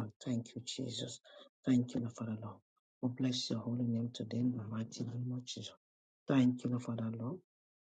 Lord. Thank you, Jesus. Thank you, Lord, Father Lord. We bless your holy name today in the mighty name of Jesus. Thank you, Lord, Father Lord.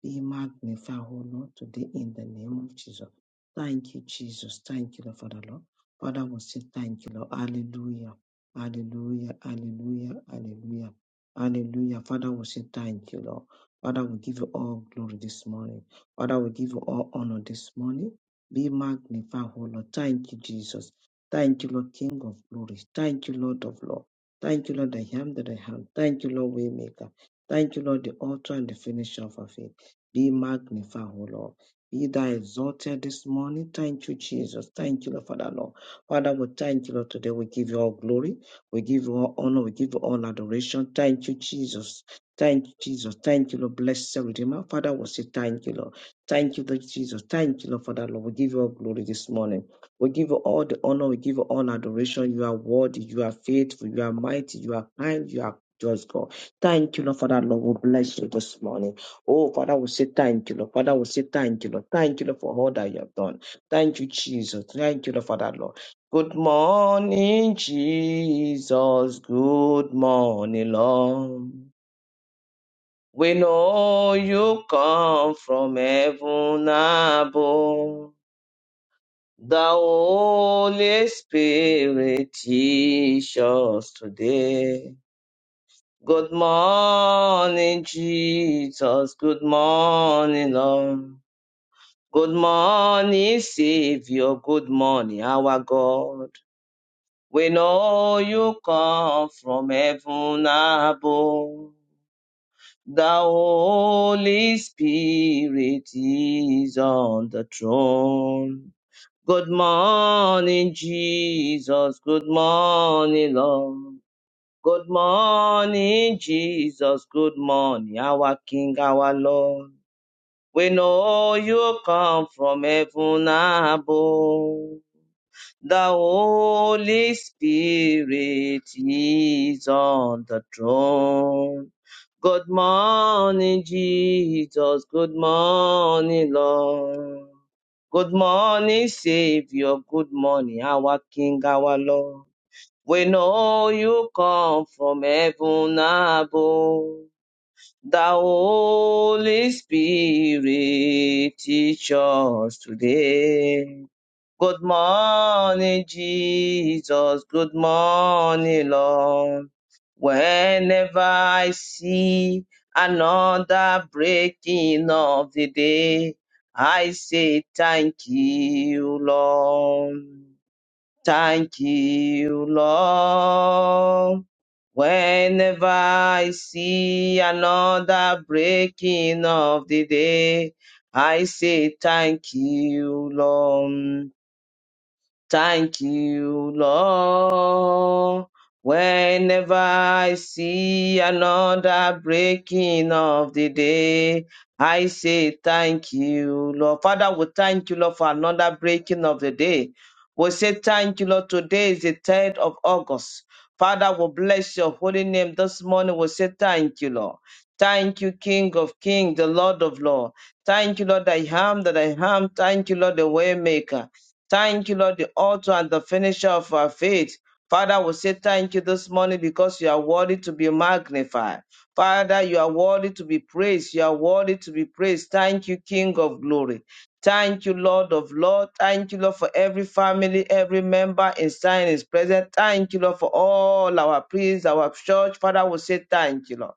Be magnified, O Lord, today in the name of Jesus. Thank you, Jesus. Thank you, Lord, Father Lord. Father, we say thank you, Lord. Hallelujah. Hallelujah. Hallelujah. Hallelujah. Hallelujah. Father, we say thank you, Lord. Father, we give you all glory this morning. Father, we give you all honor this morning. Be magnified, O Lord. Thank you, Jesus. Thank you, Lord King of glory. Thank you, Lord of Lord. Thank you, Lord, I am that I am. Thank you, Lord, Waymaker. Thank you, Lord, the author and the finisher of our faith. Be magnified, O Lord. Be thou exalted this morning. Thank you, Jesus. Thank you, Lord, Father, Lord. Father, we thank you, Lord, today. We give you all glory. We give you all honor. We give you all adoration. Thank you, Jesus. Thank you, Jesus. Thank you, Lord. Blessed Redeemer. Father, we say thank you, Lord. Thank you, Lord Jesus. Thank you, Lord, Father, Lord. We give you all glory this morning. We give you all the honor. We give you all adoration. You are worthy. You are faithful. You are mighty. You are kind. You are just God. Thank you, Lord, Father, Lord. We bless you this morning. Oh, Father, we say thank you, Lord. Father, we say thank you, Lord. Thank you, Lord, for all that you have done. Thank you, Jesus. Thank you, Lord, Father, Lord. Good morning, Jesus. Good morning, Lord. We know you come from heaven above. The Holy Spirit teach us today. Good morning, Jesus. Good morning, Lord. Good morning, Savior. Good morning, our God. We know you come from heaven above. The Holy Spirit is on the throne. Good morning, Jesus. Good morning, Lord. Good morning, Jesus. Good morning, our King, our Lord. We know you come from heaven above. The Holy Spirit is on the throne. Good morning, Jesus. Good morning, Lord. Good morning, Savior. Good morning, our King, our Lord. We know you come from heaven above. The Holy Spirit teach us today. Good morning, Jesus. Good morning, Lord. Whenever I see another breaking of the day, I say thank you, Lord. Thank you, Lord. Whenever I see another breaking of the day, I say thank you, Lord. Thank you, Lord. Whenever I see another breaking of the day, I say thank you, Lord. Father, we thank you, Lord, for another breaking of the day. We say thank you, Lord. Today is the 3rd of August. Father, we bless your holy name this morning. We say thank you, Lord. Thank you, King of Kings, the Lord of Lords. Thank you, Lord, I am that I am. Thank you, Lord, the Waymaker. Thank you, Lord, the author and the finisher of our faith. Father, we say thank you this morning because you are worthy to be magnified. Father, you are worthy to be praised. You are worthy to be praised. Thank you, King of glory. Thank you, Lord of Lord. Thank you, Lord, for every family, every member in sign is present. Thank you, Lord, for all our priests, our church. Father, we say thank you, Lord.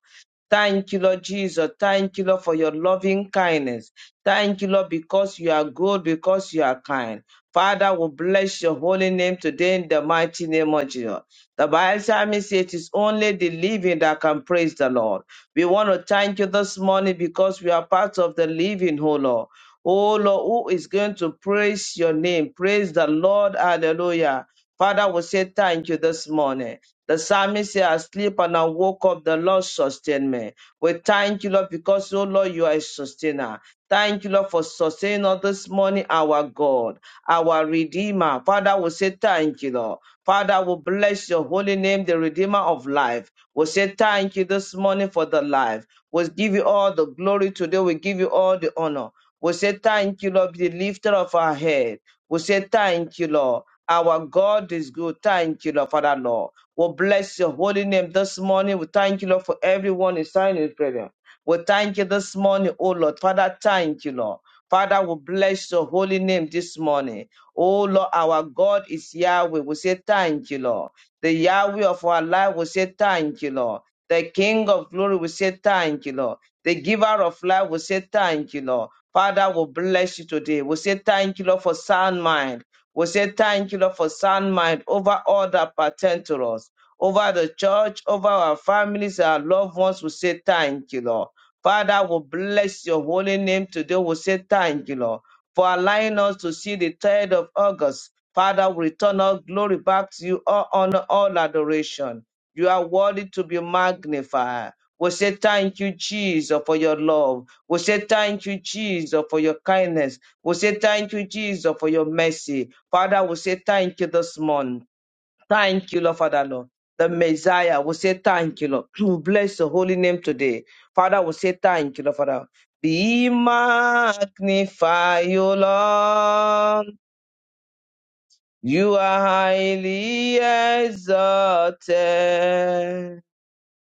Thank you, Lord Jesus. Thank you, Lord, for your loving kindness. Thank you, Lord, because you are good, because you are kind. Father, we bless your holy name today in the mighty name of Jesus. The Bible says it is only the living that can praise the Lord. We want to thank you this morning because we are part of the living, oh Lord. Oh Lord, who is going to praise your name? Praise the Lord. Hallelujah. Father, we say thank you this morning. The psalmist said, I sleep and I woke up, the Lord sustained me. We thank you, Lord, because, oh Lord, you are a sustainer. Thank you, Lord, for sustaining us this morning, our God our Redeemer. Father, we say thank you, Lord. Father, we bless your holy name, the Redeemer of life. We say thank you this morning for the life. We give you all the glory today. We give you all the honor. We say thank you, Lord, the lifter of our head. We say thank you, Lord. Our God is good. Thank you, Lord, Father, Lord. We bless your holy name this morning. We thank you, Lord, for everyone in signing prayer. We thank you this morning, oh Lord. Father, thank you, Lord. Father, we bless your holy name this morning. Oh Lord, our God is Yahweh. We say thank you, Lord. The Yahweh of our life, we say thank you, Lord. The King of glory, we say thank you, Lord. The giver of life, we say thank you, Lord. Father, we bless you today. We say thank you, Lord, for sound mind. We say thank you, Lord, for sound mind over all that pertain to us. Over the church, over our families, our loved ones, we say thank you, Lord. Father, will bless your holy name today. We'll say thank you, Lord, for allowing us to see the 3rd of August. Father, we return all glory back to you, all honor, all adoration. You are worthy to be magnified. We say thank you, Jesus, for your love. We say thank you, Jesus, for your kindness. We say thank you, Jesus, for your mercy. Father, we say thank you this morning. Thank you, Lord Father, Lord. The Messiah will say thank you, Lord. We bless your holy name today. Father will say thank you, Lord Father. Be magnified, O Lord. You are highly exalted.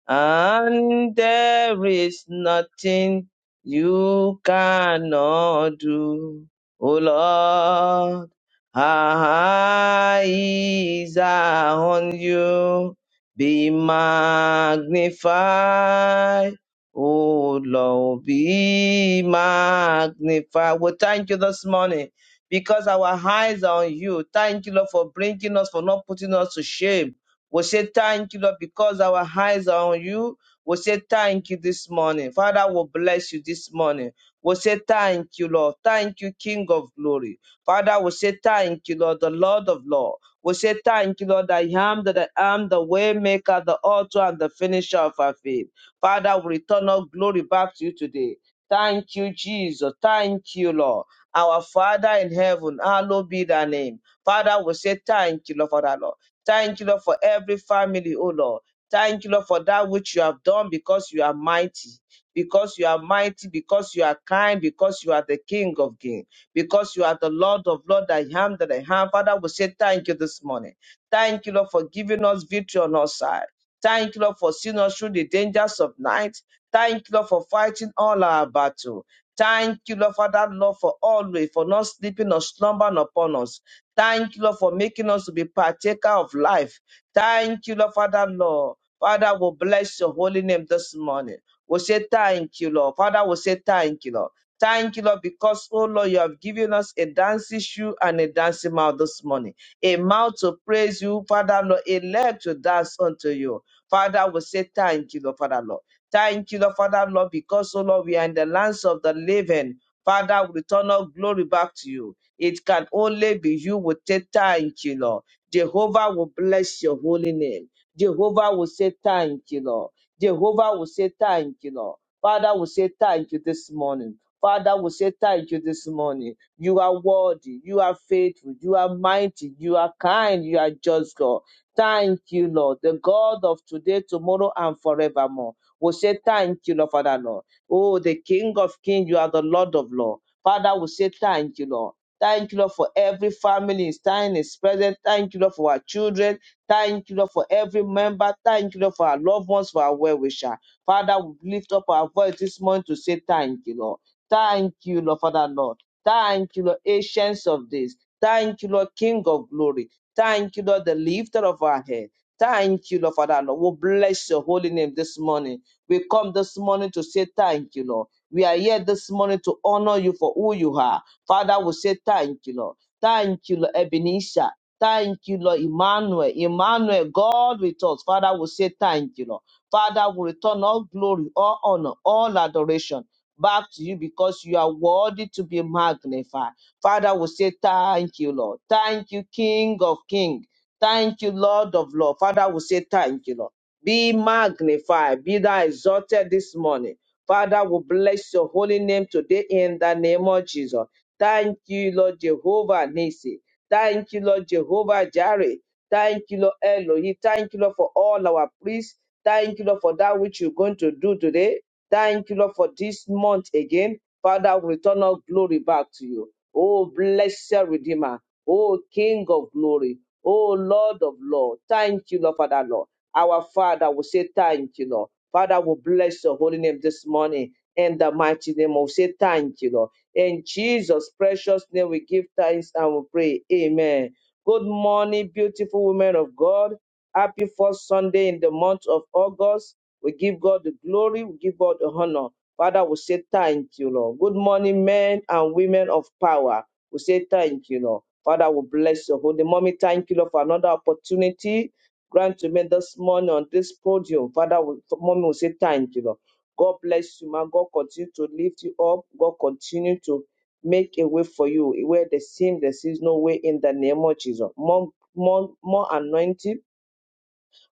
And there is nothing you cannot do, O Lord. Our eyes are on you. Be magnified, O Lord. Be magnified. We thank you this morning because our eyes are on you. Thank you, Lord, for bringing us, for not putting us to shame. We say thank you, Lord, because our eyes are on you. We say thank you this morning. Father, we bless you this morning. We say thank you, Lord. Thank you, King of glory. Father, we say thank you, Lord, the Lord of Lord. We say thank you, Lord, I am that I am the way maker, the author, and the finisher of our faith. Father, we return all glory back to you today. Thank you, Jesus. Thank you, Lord. Our Father in heaven, hallowed be thy name. Father, we say thank you, Lord, Father, Lord. Thank you, Lord, for every family, oh Lord. Thank you, Lord, for that which you have done because you are mighty, because you are mighty, because you are kind, because you are the King of kings, because you are the Lord of Lord, I am that I am. Father, we say thank you this morning. Thank you, Lord, for giving us victory on our side. Thank you, Lord, for seeing us through the dangers of night. Thank you, Lord, for fighting all our battle. Thank you, Lord, Father, Lord, for always, for not sleeping or slumbering upon us. Thank you, Lord, for making us to be partaker of life. Thank you, Lord, Father, Lord. Father, we bless your holy name this morning. We say thank you, Lord. Father, we say thank you, Lord. Thank you, Lord, because, oh Lord, you have given us a dancing shoe and a dancing mouth this morning. A mouth to praise you, Father, Lord, a leg to dance unto you. Father, we say thank you, Lord, Father, Lord. Thank you, Lord, Father, Lord, because, oh Lord, we are in the lands of the living. Father, we return all glory back to you. It can only be you will say thank you, Lord. Jehovah will bless your holy name. Jehovah will say thank you, Lord. Jehovah will say thank you, Lord. Father will say thank you this morning. Father will say thank you this morning. You are worthy. You are faithful. You are mighty. You are kind. You are just God. Thank you, Lord. The God of today, tomorrow, and forevermore. we say thank you, Lord, Father, Lord. Oh, the King of Kings, you are the Lord of Lords. Father, we say thank you, Lord. Thank you, Lord, for every family is time is present. Thank you, Lord, for our children. Thank you, Lord, for every member. Thank you, Lord, for our loved ones, for our well wisher. Father, we lift up our voice this morning to say thank you, Lord. Thank you, Lord, Father, Lord. Thank you, Lord, ancients of this. Thank you, Lord, King of glory. Thank you, Lord, the lifter of our head. Thank you, Lord, Father, Lord. We bless your holy name this morning. We come this morning to say thank you, Lord. We are here this morning to honor you for who you are. Father, we say thank you, Lord. Thank you, Lord Ebenezer. Thank you, Lord Emmanuel. Emmanuel, God with us. Father, we say thank you, Lord. Father, we return all glory, all honor, all adoration back to you because you are worthy to be magnified. Father, we say thank you, Lord. Thank you, King of Kings. Thank you, Lord of Lords. Father, we say thank you, Lord. Be magnified, be thou exalted this morning. Father, we bless your holy name today in the name of Jesus. Thank you, Lord Jehovah Nisi. Thank you, Lord Jehovah Jireh. Thank you, Lord Elohim. Thank you, Lord, for all our priests. Thank you, Lord, for that which you're going to do today. Thank you, Lord, for this month again. Father, we return all glory back to you. Oh, blessed Redeemer. Oh, King of glory. Oh, Lord of Lord. Thank you, Lord, Father, Lord. Our Father will say thank you, Lord. Father, we bless your holy name this morning. In the mighty name, we say thank you, Lord. In Jesus' precious name, we give thanks and we pray. Amen. Good morning, beautiful women of God. Happy first Sunday in the month of August. We give God the glory, we give God the honor. Father, we say thank you, Lord. Good morning, men and women of power. We say thank you, Lord. Father, we bless your holy mommy. Thank you, Lord, for another opportunity. Grant to me this morning on this podium. Father, we, mommy, we say thank you, Lord. God bless you, man. God continue to lift you up. God continue to make a way for you where there seems there is no way in the name of Jesus. More, more, more anointing,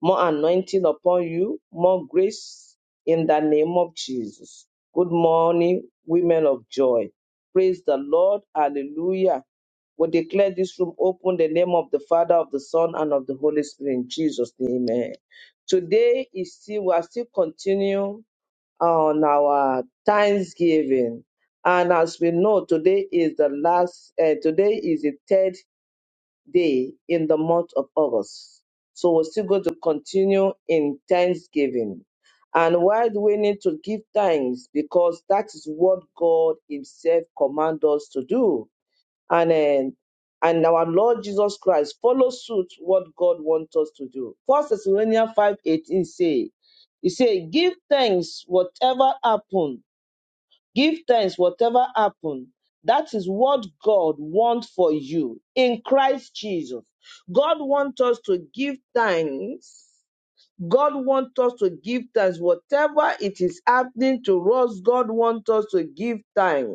more anointing upon you, more grace in the name of Jesus. Good morning, women of joy. Praise the Lord. Hallelujah. We declare this room open in the name of the Father, of the Son, and of the Holy Spirit in Jesus' name. Amen. Today is still we are still continuing on our Thanksgiving. And as we know, today is the last, uh, today is the third day in the month of August. So we're still going to continue in Thanksgiving. And why do we need to give thanks? Because that is what God Himself commands us to do and um, and our Lord Jesus Christ follow suit what God wants us to do. First Thessalonians five eighteen say, He say, give thanks whatever happen. Give thanks whatever happen. That is what God wants for you in Christ Jesus. God wants us to give thanks God wants us to give thanks. Whatever it is happening to us, God wants us to give thanks.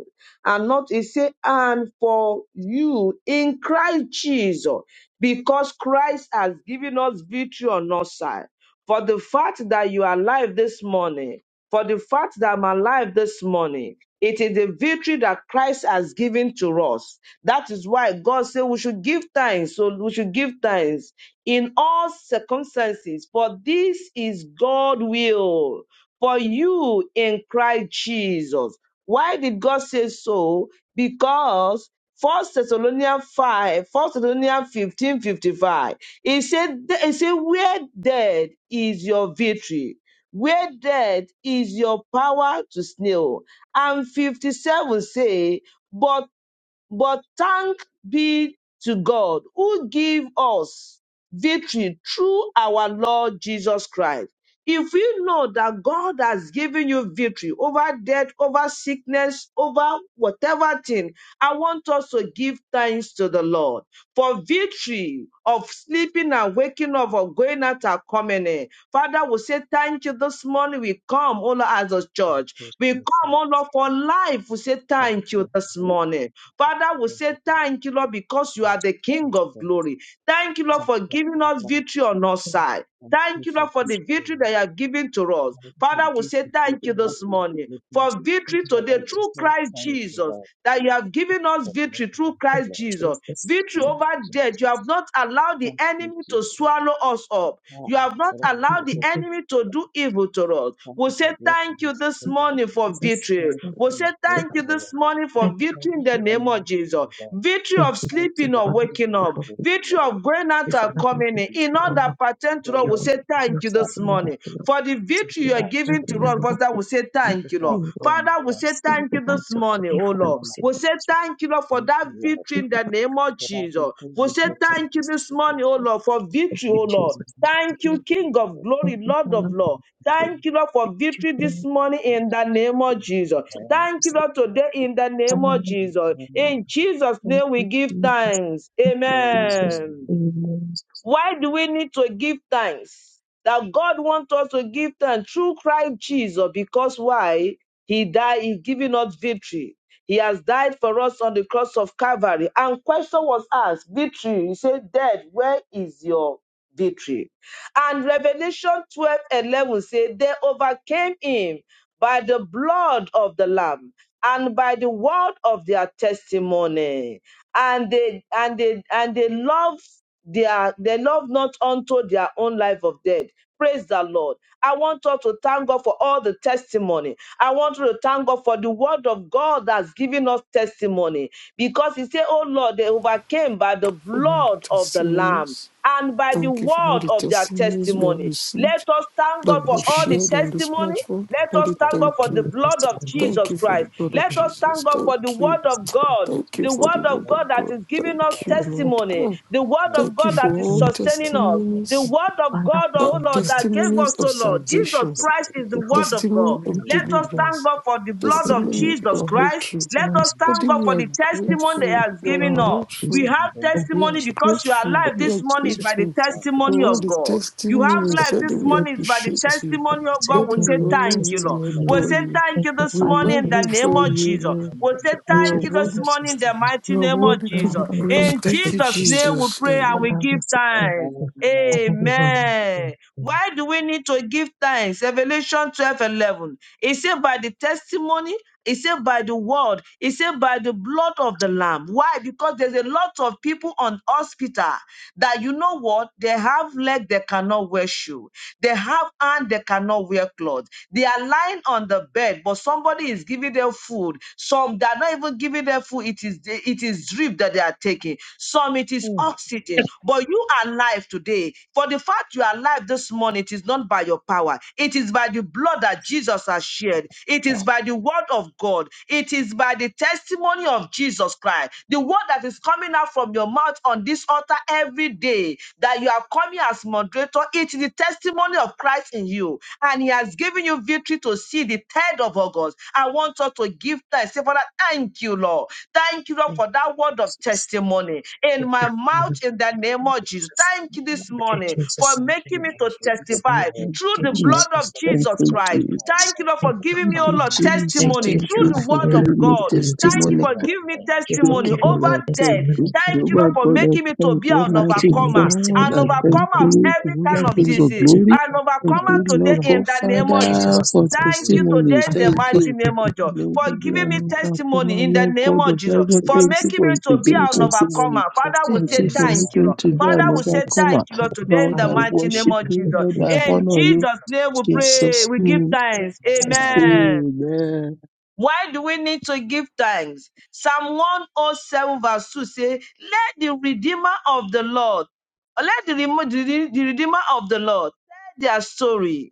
And not, he said, and for you in Christ Jesus, because Christ has given us victory on our side. For the fact that you are alive this morning, for the fact that I'm alive this morning. It is the victory that Christ has given to us. That is why God said we should give thanks. So we should give thanks in all circumstances. For this is God's will for you in Christ Jesus. Why did God say so? Because 1 Thessalonians 5, 1 Thessalonians 15:55, 55. He said, he said, where dead is your victory? where death is your power to snail. And 57 say, but but thank be to God who give us victory through our Lord Jesus Christ. If you know that God has given you victory over death, over sickness, over whatever thing, I want us to give thanks to the Lord for victory of sleeping and waking up, of going out and coming in. Father, we say thank you this morning. We come, all as a church. Increase We come, myself. all Lord, for life. We say Thank thank you you, this Lord. morning. Father, we Thank say you, Lord. thank you, Lord, because you are the Thank King of you, Lord. glory. Thank you, Lord, Thank for you for giving us love. victory on our side. Thank you Thank you, for Lord, for the the gift, victory that you Lord. have given to us. Thank you for the Father, we gift say of thank you living life. this that morning Living for Thank victory today through no Christ to Jesus, love, that you have given us but not victory through like the you, Christ Lord. Jesus. Jesus. Victory Thank Thank over you, death. You Jesus. have not allowed the Thank you, enemy to Jesus. swallow us up. Ah, You have not forever we allowed the say you, thank Jesus. enemy to you, do Lord. evil to us. Thank We you for say thank blessing you us this with Thank Lord. morning you, for Jesus. Thank victory. you Thank We for you, your say Jesus. grace, thank you O this Lord. morning for Thank you, Thank victory you in Father. the for your name of Jesus. mercy, Lord. Victory Thank of you, Thank you Jesus, sleeping for or Father. Thank waking forgiving you up. for us, Victory victory. Lord. of going Thank you, out and Thank Father, for coming in. you. In victory, all oh Lord. that pertain the Thank to us, you we for Lord say be victory of thank you thankful this sleeping and morning. God. waking up, For the Thank victory you you sleeping are for of our giving to planting children. and us, Father, walking. we say Thank Thank thank you you, for Lord. our you, Lord. home, O Father, we Lord. say See thank the you Thank this light of you for morning, today, oh our Father. time Lord. We say alone. We say thank you. thank you, Lord, for Thank that you, Lord. victory Thank in you, the Father. name of That Jesus. everything We we say Thank get to you, thank you, you Jesus. this morning, Jesus. oh Oh, Lord, for Thank victory, you, And oh we Thank you. Jesus. Lord. Thank Thank you, Thank you, Lord. you for King this of work. Thank glory, you, Lord Father. of Thank Thank Lord. you Thank you, Lord. you, Thank you, Lord, for Thank victory this morning your in mercy, the Jesus. name of Jesus. you, Very much Thank you, take Lord, Lord. today in the Father. Thank name of you, Jesus. Father. Amen. In Jesus' Thank name we you, give Jesus. thanks. Thank you, Amen. Jesus. Amen. Amen. Why do we need to give thanks? That God wants us to give thanks through Christ Jesus because why? He died, He giving us victory. He has died for us on the cross of Calvary. And question was asked, victory. He said, dead, where is your victory? And Revelation 12:11 says, they overcame him by the blood of the Lamb and by the word of their testimony and they and they and they love their they love not unto their own life of death. Praise the Lord. I want us to thank God for all the testimony. I want you to thank God for the word of God that's given us testimony. Because he said, Oh Lord, they overcame by the all the blood of the Lamb testimonies. and by the Thank you for all word the of their testimonies we have testimony. Let received us thank that God Thank you. Thank we for have you, all the Jesus. shared Thank on this you testimony. platform. for Let the us Daddy, gift, thank God for thank Lord. the you. Every blood of testimony that Thank Jesus I you for the Christ. Thank blood you. of Let have, us Jesus. thank God for the Thank you. word of Jesus, Lord, God thank you, Thank Thank you you the Jesus. for the word of word for God of that God. is the giving us Thank God. you, For all Lord. testimony, Ah, the word Thank you of thank you God Jesus, for that Lord, for is all your you for sustaining us, the the testimonies, thank you, word of Father, God, for ah, oh your Lord, word and that this gave testimonies us, of oh Jesus. Lord. testimony. So, Thank you Jesus salvation for say Christ is thank the you for word that. of God. testimony Thank of Let us the thank deliverance, God for the blood you of Thank testimony you Jesus for of all Christ. breakthrough. Let us testimonies. Daddy, thank God Amen. we for are the Thank you testimony that for grateful. He has We the are given blood of us. Jesus. We grateful. Thank you, have Lord, for the Thank prayer. We you, are testimony because you are Thank grateful. alive We this are morning Jesus. by the grateful Thank you, testimony for all of the Jesus. God. You you, Lord, Thank for you, have testimonies. Jesus. life Daddy, this we Thank morning is you, by the Jesus. appreciate you. Thank testimony you, Jesus. of Thank God. Daddy, We you we say for your honor you. thank you, Lord. We testimony. We adore say you. thank Thank you you, this We Father, for morning in your the name magnify of testimony. you. Jesus. Lord. We Each say of the You two are thank you this worthy. figures morning is in the named mighty You are name of worthy to Emperor Jesus. be and praised. In Emperor Thank you, Jesus' Majestic, name we Jesus. pray and Amen. we Father give Vincent and thanks. the Father Leonard Amen. and King. Why do we need to give thanks? Revelation twelve eleven. 11. It said by the testimony, it said by the word, it said by the blood of the Lamb. Why? Because there's a lot of people on hospital that you know what? They have leg, they cannot wear shoe. They have hand, they cannot wear clothes. They are lying on the bed, but somebody is giving them food. Some they are not even haven't given them food, it is it is drip that they are taking. Some it is Mm, oxygen. But you are alive today. For the fact you are alive this morning, it is not by your power. It is by the blood that Jesus has shed. It is by the word of God. It is by the testimony of Jesus Christ. The word that is coming out from your mouth on this altar every day that you are coming as moderator. It is the testimony of Christ in you and He has given you victory to see the 3rd of August. I want us to give thanks. Say, Father, thank you, Lord. Thank you, Lord, Thank for you, that word of Jesus. testimony in Thank my you, mouth Father in the name of Jesus. Jesus. Thank you this Thank you, morning for Jesus. Thank making me you, to the Jesus. Thank testify prayer. you, through Thank the you, Jesus. Thank blood you, of Jesus. Thank Jesus you, Christ. Jesus. Thank you, Lord, for Thank you, giving Thank me, oh you, Father. Lord, Jesus. Jesus. Thank testimony you, Thank Jehovah. through you the Thank for Thank word you of you, giving me for God. Jesus. giving me Thank you testimony. testimony. You for are giving my me Lord. Thank you for testimony Lord giving God, over me I thank death. you. Thank you, testimony today. Thank Jesus, you, Thank Lord, Jehovah for the for comfort. God, I making me to thank be you. you an for Thank Almighty giving me overcomer, you, Lord, for the peace. Thank you, Lord, for the blessings. Thank you, Lord, for the comfort. God, an I testimony. thank Lord. overcomer Thank of you. every you kind Jehovah for of King making of me disease, to glory. be. an Thank overcomer you, today Lord Lord, in God, the Lord name of Jesus, Father, I Jesus. for sincerely Thank thank you. you today testimonies. in Father, the I Thank mighty you. name worship you. of Jesus May you for be giving an me testimony overcomer, in the Lord name God of of Jesus heaven. for Thank Jesus. you making for me to be Thank giving an you, Jesus. testimony. overcomer. Thank Father, we you, Thank you say for Jesus. thank you, making me Lord. to Thank be you, an Father, we say Jesus. overcomer. thank you, Thank Lord, you, today in Lord, the I Thank Father. mighty you name worship of Thank you. you, Jesus. Lord, for Jesus. I In making honor us you. Jesus' name we Jesus, happy. pray, Jesus' we give name. thanks. Jesus, Amen. Amen. Amen. Why do we need to give thanks? Psalm 107 verse 2 say, Let the Redeemer of the Lord, let the, remo- the the the Redeemer of the Lord tell their story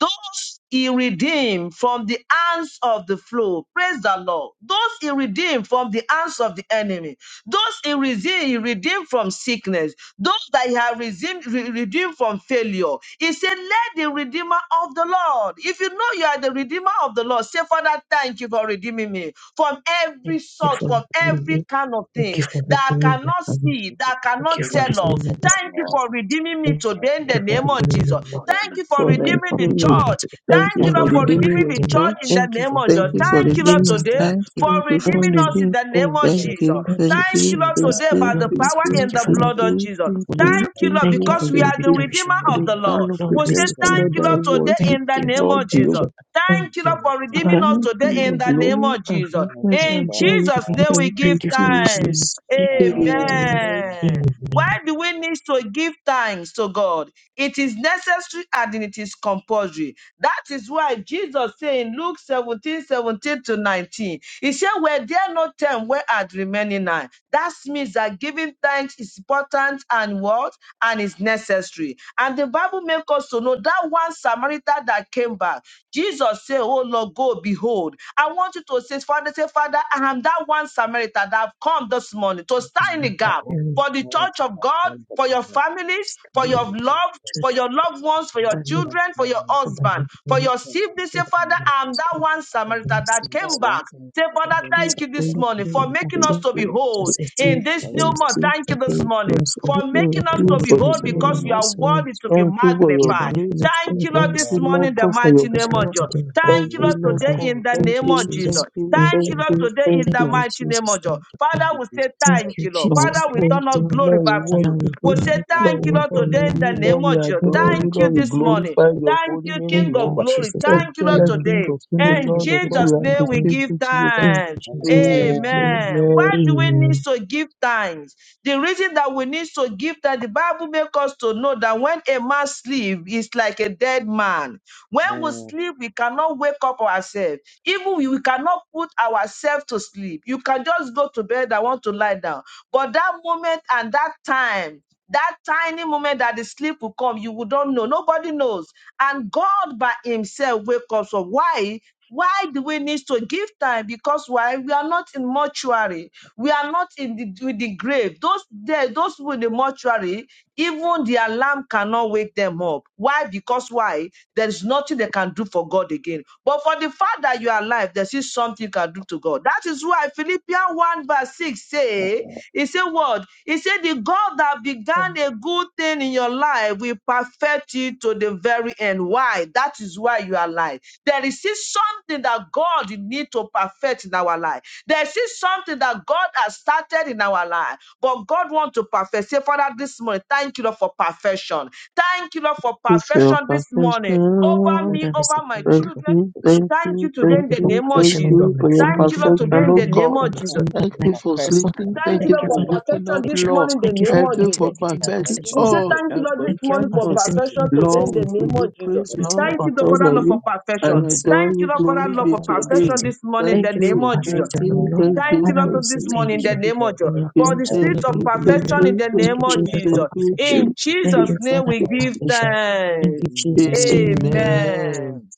those he redeemed from the hands of the foe, Praise the Lord. Those he redeemed from the hands of the enemy. Those he redeemed, he redeemed from sickness. Those that he had redeemed, re- redeemed from failure. He said, Let the redeemer of the Lord. If you know you are the redeemer of the Lord, say, Father, thank you for redeeming me from Thank every you sort, for from loving every me. kind of Thank you thing for that I redeeming my cannot family. see, Thank you that I for Thank you cannot for dealing with tell of. us, redeeming O us. Thank you Lord. for redeeming me Thank I today in the you feel for name very of redeeming Jesus. me, Lord. very Thank you for For Thank the good. you redeeming for the name. redeeming me church. today. Thank Thank you you, Thank Thank for Lord, you you for for for your your redeeming redeeming your the redeeming. church time, in church. the Thank you name for of Lord. Thank Jesus. redeeming you me, for Thank Lord you, Lord, Thank redeeming you Jesus. my for today Thank life. you. for your Thank you for Thank kindness. redeeming you. us in redeeming. the Thank name you of Thank for Thank you. the Jesus. you, gift of Thank thank you, so Thank much you, you, Lord, thank Jesus. today by you, the Lord, we thank say power thank you, in you, the thank Father. blood of you, Jesus. thank for your you, joy. Thank you, thank Lord, thank you you, because for we your thank are the you. restoration, redeemer For O of the the Lord. power Lord. of the Lord, We we say dead, say so thank thank Lord, you, I Lord, you. today Thank worship in the you. you, name Lord, of the Thank Jesus. you. Thank Thank you, Lord, you. for About redeeming us overcoming today King in of the name glory of and Jesus. reference thank I In you for do. Jesus' giving name us. we Thank give you, Thank you for thanks. giving us. Jesus. Thank Amen. you for man, giving us. Amen. Amen. Why do we need to give thanks to God? It is necessary and it is compulsory. That is why Jesus said in Luke 17, 17 to 19, He said, Were there no ten where had remaining nine? That means that giving thanks is important and what? And is necessary. And the Bible makes us to know that one Samaritan that came back, Jesus said, Oh Lord, go behold. I want you to say, Father, say, Father, I am that one Samaritan that have come this morning to This stand in prayer the is gap very for the church of God, for your families, for Thank strong. your you, love, Jesus. for Church your loved ones, for your family, children, for your for my husband, for family, your Thank siblings, Say, for you, the Father, Jesus. I'm miracles, for that the one Okay. Samaritan that You blessings, came got one back. thing Say, as for a Father, the Thank you, person, thank you this like, thank morning you. for sacrifice, for you need making thank us God. to to you. So behold say you, thank in this like, you, you thank new need to Jesus. month. you, Thank you Thank you this for thank giving you, morning us all. for thank making Thank you us for you to for making the behold us all to new because God, in you month. are this world. worthy to be Thank you for you your for magnified. making grace. us Thank all you, to in Lord, Thank this go this you, out morning, Lord in moment uh, the God, for your mighty because name you of power. are Jesus. God of and and Thank you Thank you, you, praise need Lord, the Lord today Lord. in God. the Thank Thank you, name you, of Jesus. thank Jesus. to, you, Thank Thank you, you, like, thank Lord, Lord. you, just today thank in Thank the you. have you, mighty name of Jesus. Jesus. Thank you, Lord. to Father, we say Thank thank it, you, you, Lord. Lord, Jesus. Father, we Thank thank turn our you, you. Lord. glory Lord, like, we back to uh, you. Father, we worship you. We honor and say you you. do Lord, thank to you, we Father, Lord, we honor today in love the you. you. Lord, name we of Jesus. adore Father, we you. Thank you give Lord, we you. this do morning. glorify it, your Thank holy you, name, um, Thank King yeah. of you, Jehovah. Glory. Jesus. Thank Thank you, you, Lord, Thank Excellent Lord. you, King today. of Kings, Jesus. the Thank And you, Lord of all, Jesus. Jesus' we Thank name you, Amen. we Lord. appreciate give you, Jehovah. Thank thanks. you, Jesus. Amen. Thank Amen. you, Lord. Amen. Why do we need Amen. to give thanks? The reason that we need to give thanks, the Bible makes us to know that when a man sleeps, he's like a dead man. When we Mm. sleep, we cannot wake up ourselves. Even we, we cannot put ourselves to sleep. You can just go to bed. I want to lie down. But that moment and that time that tiny moment that the sleep will come, you will don't know. Nobody knows. And God by Himself wakes up. So why? Why do we need to give time? Because why? We are not in mortuary. We are not in the with the grave. Those there, those with the mortuary, even the alarm cannot wake them up. Why? Because why? There is nothing they can do for God again. But for the fact that you are alive, there is something you can do to God. That is why Philippians 1 verse 6 say he said, What? He said, The God that thank began a good thing in your life will perfect it to the very end. Why? That is why you are alive. There is still something that God need to perfect in our life. There is still something that God has started in our life, but God wants to perfect. Say, Father, this morning, thank you, Lord, for perfection. Thank you, Lord, for It's your perfection this morning perfection. over me, Father, we say over my thank you Thank for children. you, perfection. thank Thank you, you today Thank thank in you the for you, name of thank perfection, Jesus. over you my for your family, Thank you, Lord, perfection, over today my in oh the home, name God. for of my Thank son, Jesus. you that Thank my you for for husband. sleeping. perfection, Thank Thank you, Lord. thank you Lord, you, for for Father, for waking up, perfection this perfection. Lord. morning in the Thank you for name Thank of Thank you perfecting for Jesus. you everything for that perfecting concerns perfection. We me, say all Lord. thank you, that Lord, this Thank you for morning concern for perfecting us. Thank you everything perfection that today concerns in the my Lord, we give name family, you of for Jesus. praise, everything Lord, that Thank perfection. I you, Lord, for concerns that honor them. love for you. Thank I you. perfection. From for the adore sickness, Thank you, you. Lord, Father, selection. for that Glory Uh, thank you love be for for to your name. perfection perfecting. this morning in Thank Thank the you thank for name you, you of for the Jesus. thank selection. perfection, O you, Lord. thank Thank you, you, Father, Lord, we for thank say this you, morning thank in the thank Thank you. you, name you of Jesus. And for the selection. your Thank For home the to thank spirit follow the of name, you, O thank perfection Lord. in you, the thank you, Thank thank name you, of you, Jesus, for Jesus. thank you, perfection. In you for Thank thank you. Jesus' you, name Father, we for give the perfection. Thank you, thanks. Jesus. selection. Amen. Amen. Amen.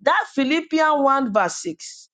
That Philippians 1 verse 6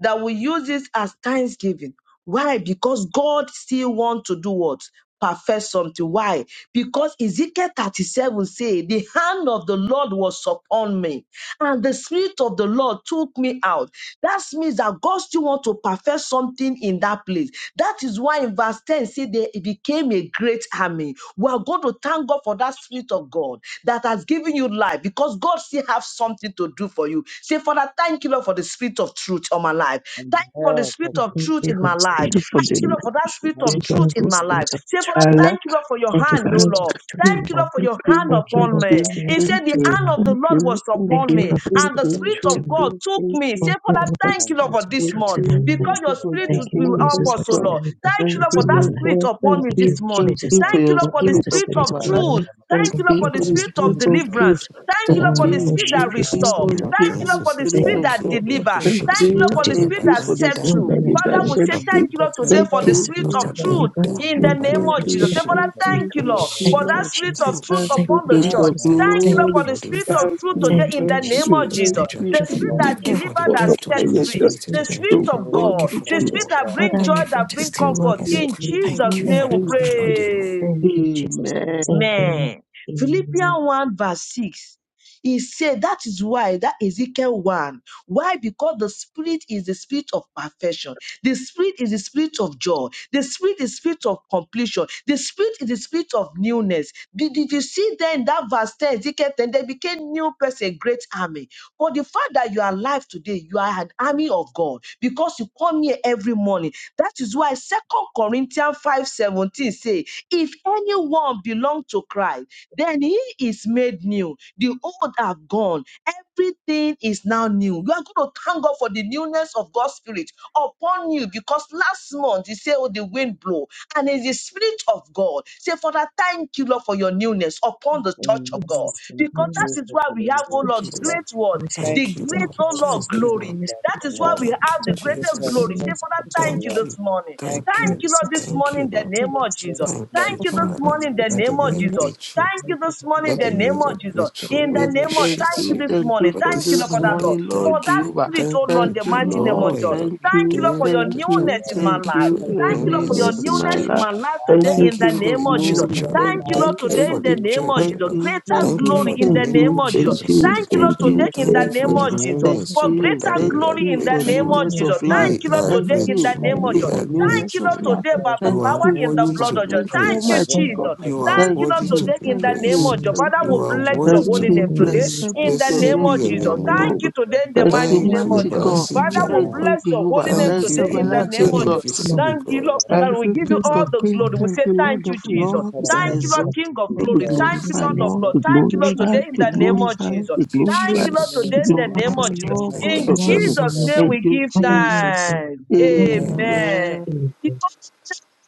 that we use it as thanksgiving why? Because God still wants to do what? Perfect something. Why? Because Ezekiel 37 say, the hand of the Lord was upon me and the spirit of the Lord took me out. That means that God still want to perfect something in that place. That is why in verse 10 say they became a great army. We are going to thank God for that spirit of God that has given you life because God still have something to do for you. Say, Father, thank you Lord, Lord, for the spirit of truth on my life. And Thank you for the there, thank spirit And you for of the Thank truth you selection. Thank in you for my the for the selection. life. spirit of For Thank you, the Lord, perfection. for that spirit Thank of Thank you you, for the truth Lord, for nation, in the my life. spirit of Say, Father, I gentlemen. selection. like thank you, Lord, for your Thank you Thank you for the selection. Thank you for the selection. Thank you for the for hand, I the O spirit Lord. selection. of thank Thank you, Thank you gentlemen. Lord, for you, your hand Thank you, thank upon Lord, for the me. for you, He spirit of said, thank The the you, hand gentlemen. of the thank Lord you, was thank Thank upon you, you, me, Lord, for the thank and the spirit of you, Spirit thank you, thank of gentlemen. God you, took thank me. you, Say, Thank you, thank Father, Lord, you, for the thank you, Lord, for spirit this Thank of month, you, gentlemen. thank because your you for Spirit Thank will this you, will month, help Jesus, oh for us, O the God. Lord. spirit of Thank you, Thank Lord, you, for that Lord gentlemen. Spirit God. selection. upon Thank me Thank you, this you, morning. thank Jesus. you for Thank Thank you, you your Lord, for Thank for you the for spirit the asking Spirit the upon spirit of of my power of the life. truth. holy. Thank Thank you, Thank Lord, you you for the for for Thank the thank the spirit you for spirit of spirit this. of of Jesus. people. you. truth. truth. deliverance. Thank you, Father, Thank Thank Lord, I for you. Thank the you. you, spirit worship that thank you for the you, restore. spirit thank of you Thank Nothing. you, for Lord, the So for say the truth. spirit spirit Thank of thank that you. you God. We because deliver. you Give us Thank the Thank appreciate speaking you. you, spirit Lord, of you, to the for the thank spirit Baba you families. that deliverance. da for the set da. Lord, true. Thank I you spirit am for that Father, we this. shed say grateful. Baba thank free. thank you you, But Lord, da for Jesus, today Thank for thank the the your da. you you, for spirit spirit of thank Baba speaking of da that you, truth deliverance, thank da. the in the you, spirit Baba of name da thank of truth, da. so Jesus. you, Say, that I'm She. Father, thank that's not thank you, you, grateful. thank Lord, you, Thank for She. you, that Lord. spirit of Jesus. truth Thank Thank you. Thank you, upon you, the King church. Ah, of Jesus. Thank thank you, Thank Lord, you you, glory. for the for the spirit f- Jesus. of truth Thank today Thank fruit of you, in the the you, Holy name Jesus, Jesus. of for Spirit the in thank the Jesus. spirit of you The church. truth for the spirit upon that good Thank the you you earth. for the delivers, poured that Thank gift you, of the upon sets Holy your Jesus, for the church. free. Spirit in spirit The the of church. truth So spirit of God, upon Thank you the God. for for thank such the The you. a churches. spirit word. that love. brings Father, Thank joy, we you for that worship brings Thank you, you, comfort. Father, testimonies. we In honor Thank you. Jesus' Thank you you. Thank name you, we very Thank much, Lord. Jesus. you. Amen. pray. Thank you, Jesus. Amen. Thank you. Amen. Philippians Amen. 1 verse 6. He said that is why that Ezekiel 1. Why? Because the spirit is the spirit of perfection. The spirit is the spirit of joy. The spirit is spirit of completion. The spirit is the spirit of newness. Did, did you see then that verse 10, Ezekiel 10, they became new person, great army. But the fact that you are alive today, you are an army of God because you come here every morning. That is why Second Corinthians 5 17 say, If anyone belong to Christ, then he is made new. The old are gone. Everything is now new. You are going to thank God for the newness of God's Spirit upon you because last month he said, Oh, the wind blow, and it is Spirit of God. Say, Father, thank you, Lord, for your newness Thank upon the you, church of God. Because Jesus. that is why for the we name have, Thank oh you, Thank Lord, you, Jesus, Lord. great for word, this. Thank the Thank you, for Thank great, Lord. the you, name oh Lord, Jesus, for Thank you, glory. the Lord. this for the That is why Lord. church. we have Thank you, the Thank Thank you, you Jesus, greater for for the the Jesus. glory. Say, this sacrifice for Father, the thank you church. Lord. Thank this you, morning. Thank you, thank Thank Lord, you, you, Jesus. set Lord, this Thank me. thank morning you, in the Lord. Thank name you, of Jesus. you, Jesus. Thank Lord. Thank you, you Thank Cover this me you for from the Father. the morning in the mercy of Let people name the we in the of are Lord. Jesus. ministry. grateful. Thank Set you Thank you this for morning giving in Let the us me we free name are of everything. Jesus. the We grateful. In church. live We the Thank to name you, of, the thank appreciate you you. Lord. you this Thank you morning. for Thank for you this Thank you, for the Lord, this for Jesus, that, mercy Sunday. of Lord morning, the Lord. for Lord Thank that you. Jehovah. Thank spirit, you for oh Thank your Lord, Thank Thank in you mercy the you, you, for Lord, mighty of for name all God. Lord. of that God. you're Thank Thank you the Thank you, you. church. Lord, for doing your for for your Thank the mercy of church. you. newness God. in Thank my Thank you, Thank you life. for you. your Jesus, Thank you for Your Thank for you, the your Lord, for name newness your this is in in this for the mercy my newness of in church. life. our church. my life Thank today you, Thank lives, in Thank you you the for King for of name and the the of our this Jesus. in the church, Glory. O life children's Lord. Thank of Thank my you, people. Lord, lives, you. Thank you today Thank for in you. the the name everything. Thank you, the of church, O church. Thank Jesus. Lord. you, Greater Thank thank you Thank Thank you for you, glory the for in the love thank the that name you name you, of give of Jesus. thank Jesus glory. in you, Thank the you, you The church. thank Lord, for King what you, today of you in the Thank thank you for glory, name for you, O the the of this God. in the Jesus. life of thank Thank my you, newness, people. For O Lord. you, greater Jesus. That thank we are glory you in the for Thank Thank you, name you, grateful. of Father, newness and Jesus. of Jesus, thank life. for you Thank We you, for giving Lord, us are the Thank today glory, in this you, the in grateful. the God. life thank name of you We of Jesus. my for are people. Thank Thank newness you, you, of Lord, grateful. life. Thank today Jesus. you, by the You Thank are Jesus. power you, in Thank the worthy you, Jehovah. to blood Thank of Jesus. be Jesus. you, Thank Jesus. you, Thank And you, praised. then Almighty Thank I God. you, Jesus. have You are Jesus. Thank Thank you, Lord, worthy Thank to you you, two today be thank in you thank people the for who name the say, you, of praised. thank Jesus. news. "Oh, Father, no, You we Thank are you, no, no, bless Jehovah, your worthy for Thank to holy no, you no." for be the you, name today praised. news. blessed be in Thank the you, your Thank name Blessed name, be you, of Jesus. your King Lord, Jesus. for name, of O the Lord. Thank news. you glory. today Thank in the you, Thank you, mighty Thank Lord. Thank name you, of mighty you, Jesus. Lord, for God. Thank the everlasting Father, you, news. we Thank Jesus. Jehovah. you, bless your holy Jehovah. God name Thank Thank has Thank you, you, said today in thank the you for immortal, name everlasting the of God. Jesus. news, invisible Lord. Thank you, you, God. Lord, Lord. Thank Thank Father. you We you, for give the you news King in all of my the kings. glory. family. We Thank say you, Thank Lord thank you you, of for the Thank Jesus. you lords. for news that in That Thank my you, love. Lord, exalt life. Thank King you, of you. Thank you Be for glory. Jesus. the Thank Jesus. you, news glorified, in Lord my of Lord. Lord. Be family. Amen. Thank you, Thank Lord, Thank you, today glorified. you, in the Be the name Lord of of God, Jesus. glorified. Jesus. Be Thank you, the Thank glorified. you, King Lord, of Jesus. Amen. today Be Kings. in the Father, name we glorified, of say Jesus. thank you. Lord Thank God you, In Thank of you, Father, we heaven. Jesus. will Jesus' love Jesus. Amen. name you. Thank we you, give Father, we will Jesus. Thank thanks. you. you, Lord, I Lord. Thank you, Jesus. am being Amen. grateful Amen. Amen. to you. Because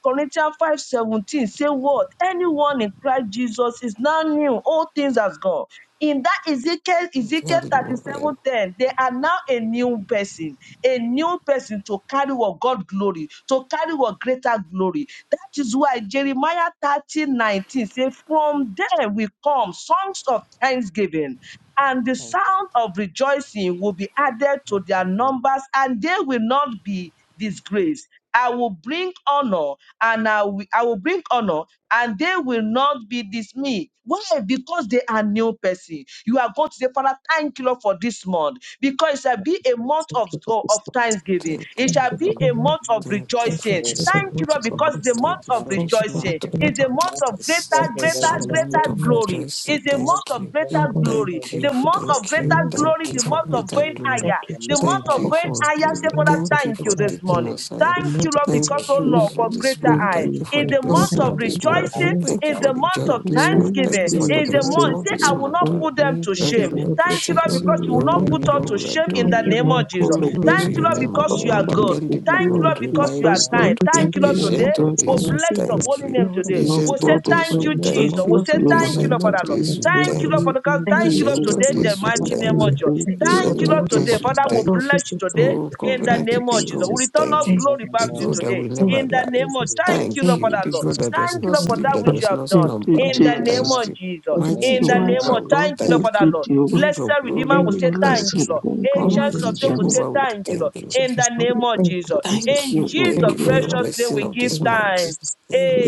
Corinthians five seventeen say what? Anyone in Christ Jesus is now new. All things has gone. In that Ezekiel, Ezekiel Very thirty moving. seven 10, they are now a new person, a new person to carry what God glory, to carry what greater glory. That is why Jeremiah 30 19 says, From there will come songs of thanksgiving and the Amen. sound of rejoicing will be added to their numbers, and they will not be disgraced. I will bring honor, and I will, I will bring honor, and they will not be dismayed. Why? Because they are new person. You are going to say, Father, thank you Lord for this month, because it shall be a month Thank of you for this. of thanksgiving. Thank It you. Thank shall you for be the a month. month of Thank you I'm Thank you, for rejoicing. still in Jesus, this for it. the Thank you month month. of Lord, So, Lord. because the August. amen. month Thank you of for Thank you, this Father, rejoicing for month. the is month of the month Not August. a of greater, It's, Thank it special you, greater, way is a Jesus, for month the greater of celebration. month of glory rejoicing. is a August. month Thank Promotion, of you. greater Lord, I generation, am glory. thank Thank you, you. The grateful month because Jesus. of it's Thank the you. greater month of This glory, Thank is you the God's and for month thank you, of greater going Jesus. glory. Thank higher. you, The Jesus, Amen. month for Thank of Amen. you going for August, which higher. is glory. Say, the Father, month of Thank you thank you God's for and this Thank you, taking morning. Jesus, us higher. The for Thank you, giving month of Lord, us God's because, Thank oh mercy, you glory Thank Lord, Lord. for for for me, you. for this greater my month. Thank high. family. Thank Thank you. you you, for Is the Lord. a Lord, Thank I month you blessing Thank of for of am what this you. grateful for Thank I the month. you. rejoicing. asked month of Thank you Is God's for. for a the month joy glory. In of of the this Thank Thank month. name you, you, Thank thanksgiving. you for Jesus, of for the Is the a Jesus. month of month. Thank miracle of Say, God's this I glory. you. will not month, O Thank Lord. put them you. to Thank Thank you Daddy, shame. for we you. your Thank greater you, Lord, appreciate glory you. because you in We will my not honor put you, home. us to Lord. We shame adore in Thank Thank the you you. you, for name Lord your of God Jesus. greater Glory of be glory Thank heaven. to in you, your Lord, the name, O life because of Thank you my God. you, are one thank good. you, Lord. Dependable Thank you, Thank God, you Lord, King in Papa, because you are reliable Jesus' for your kind. name. God, greater Thank Thank you, Lord, glory in you, the today. ancient life of of thank all We'll days, my you, we bless your siblings. thank holy you. name Lord, I today. Lord am We'll Ancient say of God of grateful days, for thank we the you, heaven. month of Thank Jesus. thank you. We'll you, August, say which is Jehovah. thank my you, Lord, Ancient month Father, of of Lord. yes, days, Thank we you, greater thank Thank you, Lord, thank glory. for you, you. the God. thank Thank Thank you, you, you, Lord, Ancient thank of Jesus, today in for you, your the days, we for the greater thank mighty name thank of blessings you. glory. Jesus. of your Thank you you, word. for Thank you, the Ancient Lord, of month of thank today. days, we August. Father, Hallelujah. we'll Lord, thank we you. bless you say thank today Oh, you. in the Thank covenant you, name of keeping God, Jesus. we We Jesus. return thank all you. Thank glory you, Amen. The back to you Amen. God Jesus. that today will Thank never in you, the lie. Thank name you, of Jesus. Thank you, Thank Lord, Thank you. you, Father, The Lord. God Jesus. that Amen. does Thank you, not Lord, Thank for you. sleep, you, that that which God. you does have not Thank done slumber, you, Thank in we you, the name Jesus. Jesus. Amen. thank of you. Jesus. Thank Thank you, Mighty In you, the Jesus. mighty name Jehovah, Amen. of we God. thank you, Lord, Thank Thank for thank that, you, you. you, Jesus. Lord. Jehovah. King Blessed of Redeemer glory, will Thank we say you, thank you, thank Jesus. Everlasting Lord. you. God, Lord, Thank we Ancients you, Almighty of bless days your will name. Jesus. say Jehovah, we thank you, Thank Lord. thank you, you. In Jesus. the Lord, we name of Thank you, Jesus. thank Jesus. Thank In you, you. Lord, Jesus' to Thank Thank you for you, you. your Lord. precious name, blessing we of give this Thank Thank you, month. thanks. Jesus.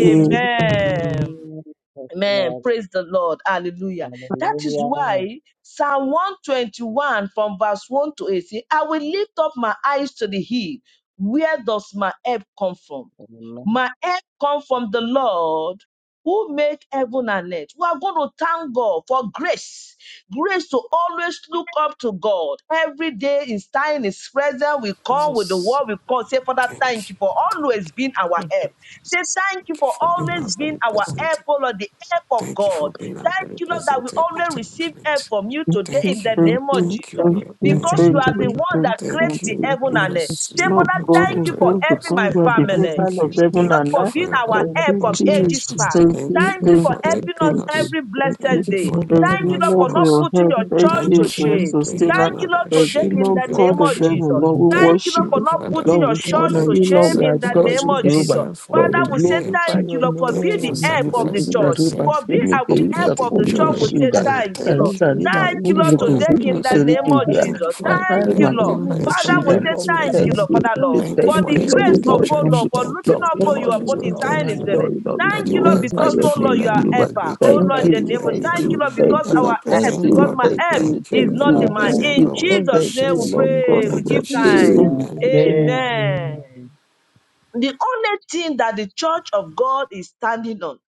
Thank you, you. Amen. the Amen. Lord. Praise the Lord. Hallelujah. That is Hallelujah. why Psalm 121 from verse 1 to 18, I will lift up my eyes to the hill. Where does my help come from? Amen. My help come from the Lord who made heaven and earth. We are going to thank God for grace. Grace to always look up to God. Every day is time is present. We come with the Jesus. word we come Say, Father, thank you Thank you. for always Thank you. being our Thank you, help. Say, Jesus. thank you Thank you for for being our always Praise the being very our Lord. help, present. O Lord, the help of Thank you for God. being our Thank very you, Lord, that we present help in always time receive of need. help from you today in Thank the you, thank Lord. name of you, Thank you, Jesus thank Lord. And I you, because Thank thank you, you thank are you for Lord. the you, your one help. thank that you. thank creates Thank the Thank you you. you heaven for and your earth. because Say, Lord you Father, sustaining. God, Thank you continue thank of you for to for heaven, help us. helping because my you are the your family. help. Thank maker of you. Thank you heaven Lord, and Thank you for earth. for being Thank your you our help for Thank your help you, on from protection. the ages church. Jesus. past. Thank you, Thank Thank you Thank you you for your thank for for you, helping us helping thank you, us. protection. every thank Thank you you. for your protection. Thank you for your protection. Thank you for your protection. Thank you for your blessed Thank you day. for Thank looking Thank you, you, out Lord, for Lord, for protection. for not us. your putting help. your Thank church to you Thank for your you shame. that you did sustainer. Thank you, not Lord, Thank today you, ashamed in to Lord the be a God name of of portion. heaven. Jesus. Lord, we Thank you, Thank worship Lord, for you, you. not Father. putting Lord, your we church honor to Thank you you. for Lord, shame we in Thank you the adore name you, for sacrificing of your protection. Jehovah. Jesus. yourself for me Lord, Father, we to we be say helped. glorify thank Thank you, your Lord, you for name. Thank being you for the for Oh, your help Jehovah, of the forgiveness King sacrificing of church. that we sin. For must yourself give being Thanks me for our the all the to the help get Rita the of the Kuru church, we joy. say Bushida. Thank you. Daddy, thank you, Lord. thank Rita you. Thank for Rima you Thank your Thank you, you for Lord, being Kuru for our today perspective. helping help, in us. the Thank you for name your Lord. of Bushida. Thank wisdom. you Jesus. for helping Thank Kakari We look you, Thank every for you for Lord. the Makuru your member good and love. Father, of we standing Shida, God in Thank say his Lord, we you for thank to you, us, thank presence. your Lord, you, Lord. Father, Lord, mercy. we Lord, Thank you for thank Thank for the you, you, Lord, we Jesus, helping grace the for your upon, worship church. Lord, you, for wonder. Thank looking Lord, you, we Thank upon Thank you you, thank honor you, you. you, upon his Jesus, Lord, Lord, for we time your thank His you, Lord. adore ready. Amen. you, forgiveness. Lord, we Thank Daddy, you, we Lord, Thank are you, Thank glorify because, your Jesus, oh for grateful. your Lord, you name, you are Daddy, we kindness. Jehovah. are helper. Oh Thank grateful. Thank Lord, in Thank you, the you Daddy, you, we name are for of, Jesus, thank for all thank your you, you, grateful. Lord, things, love. thank because Lord. Ever you, our thank help, present you, because Thank God, my you, we thank help Thank Jesus, you, you thank for for is thank you. your being not Ever you, in our my, wonder. help, thank present you, in God, we Thank Jesus' you, thank name you, Jesus, we appreciate Lord. for you. Lord your God pray, of we Thank you, give forgiveness. heaven. Jesus. thanks. Thank Amen. you, Amen. Amen. Amen. Amen. Amen. The only thing that the church of God is standing on,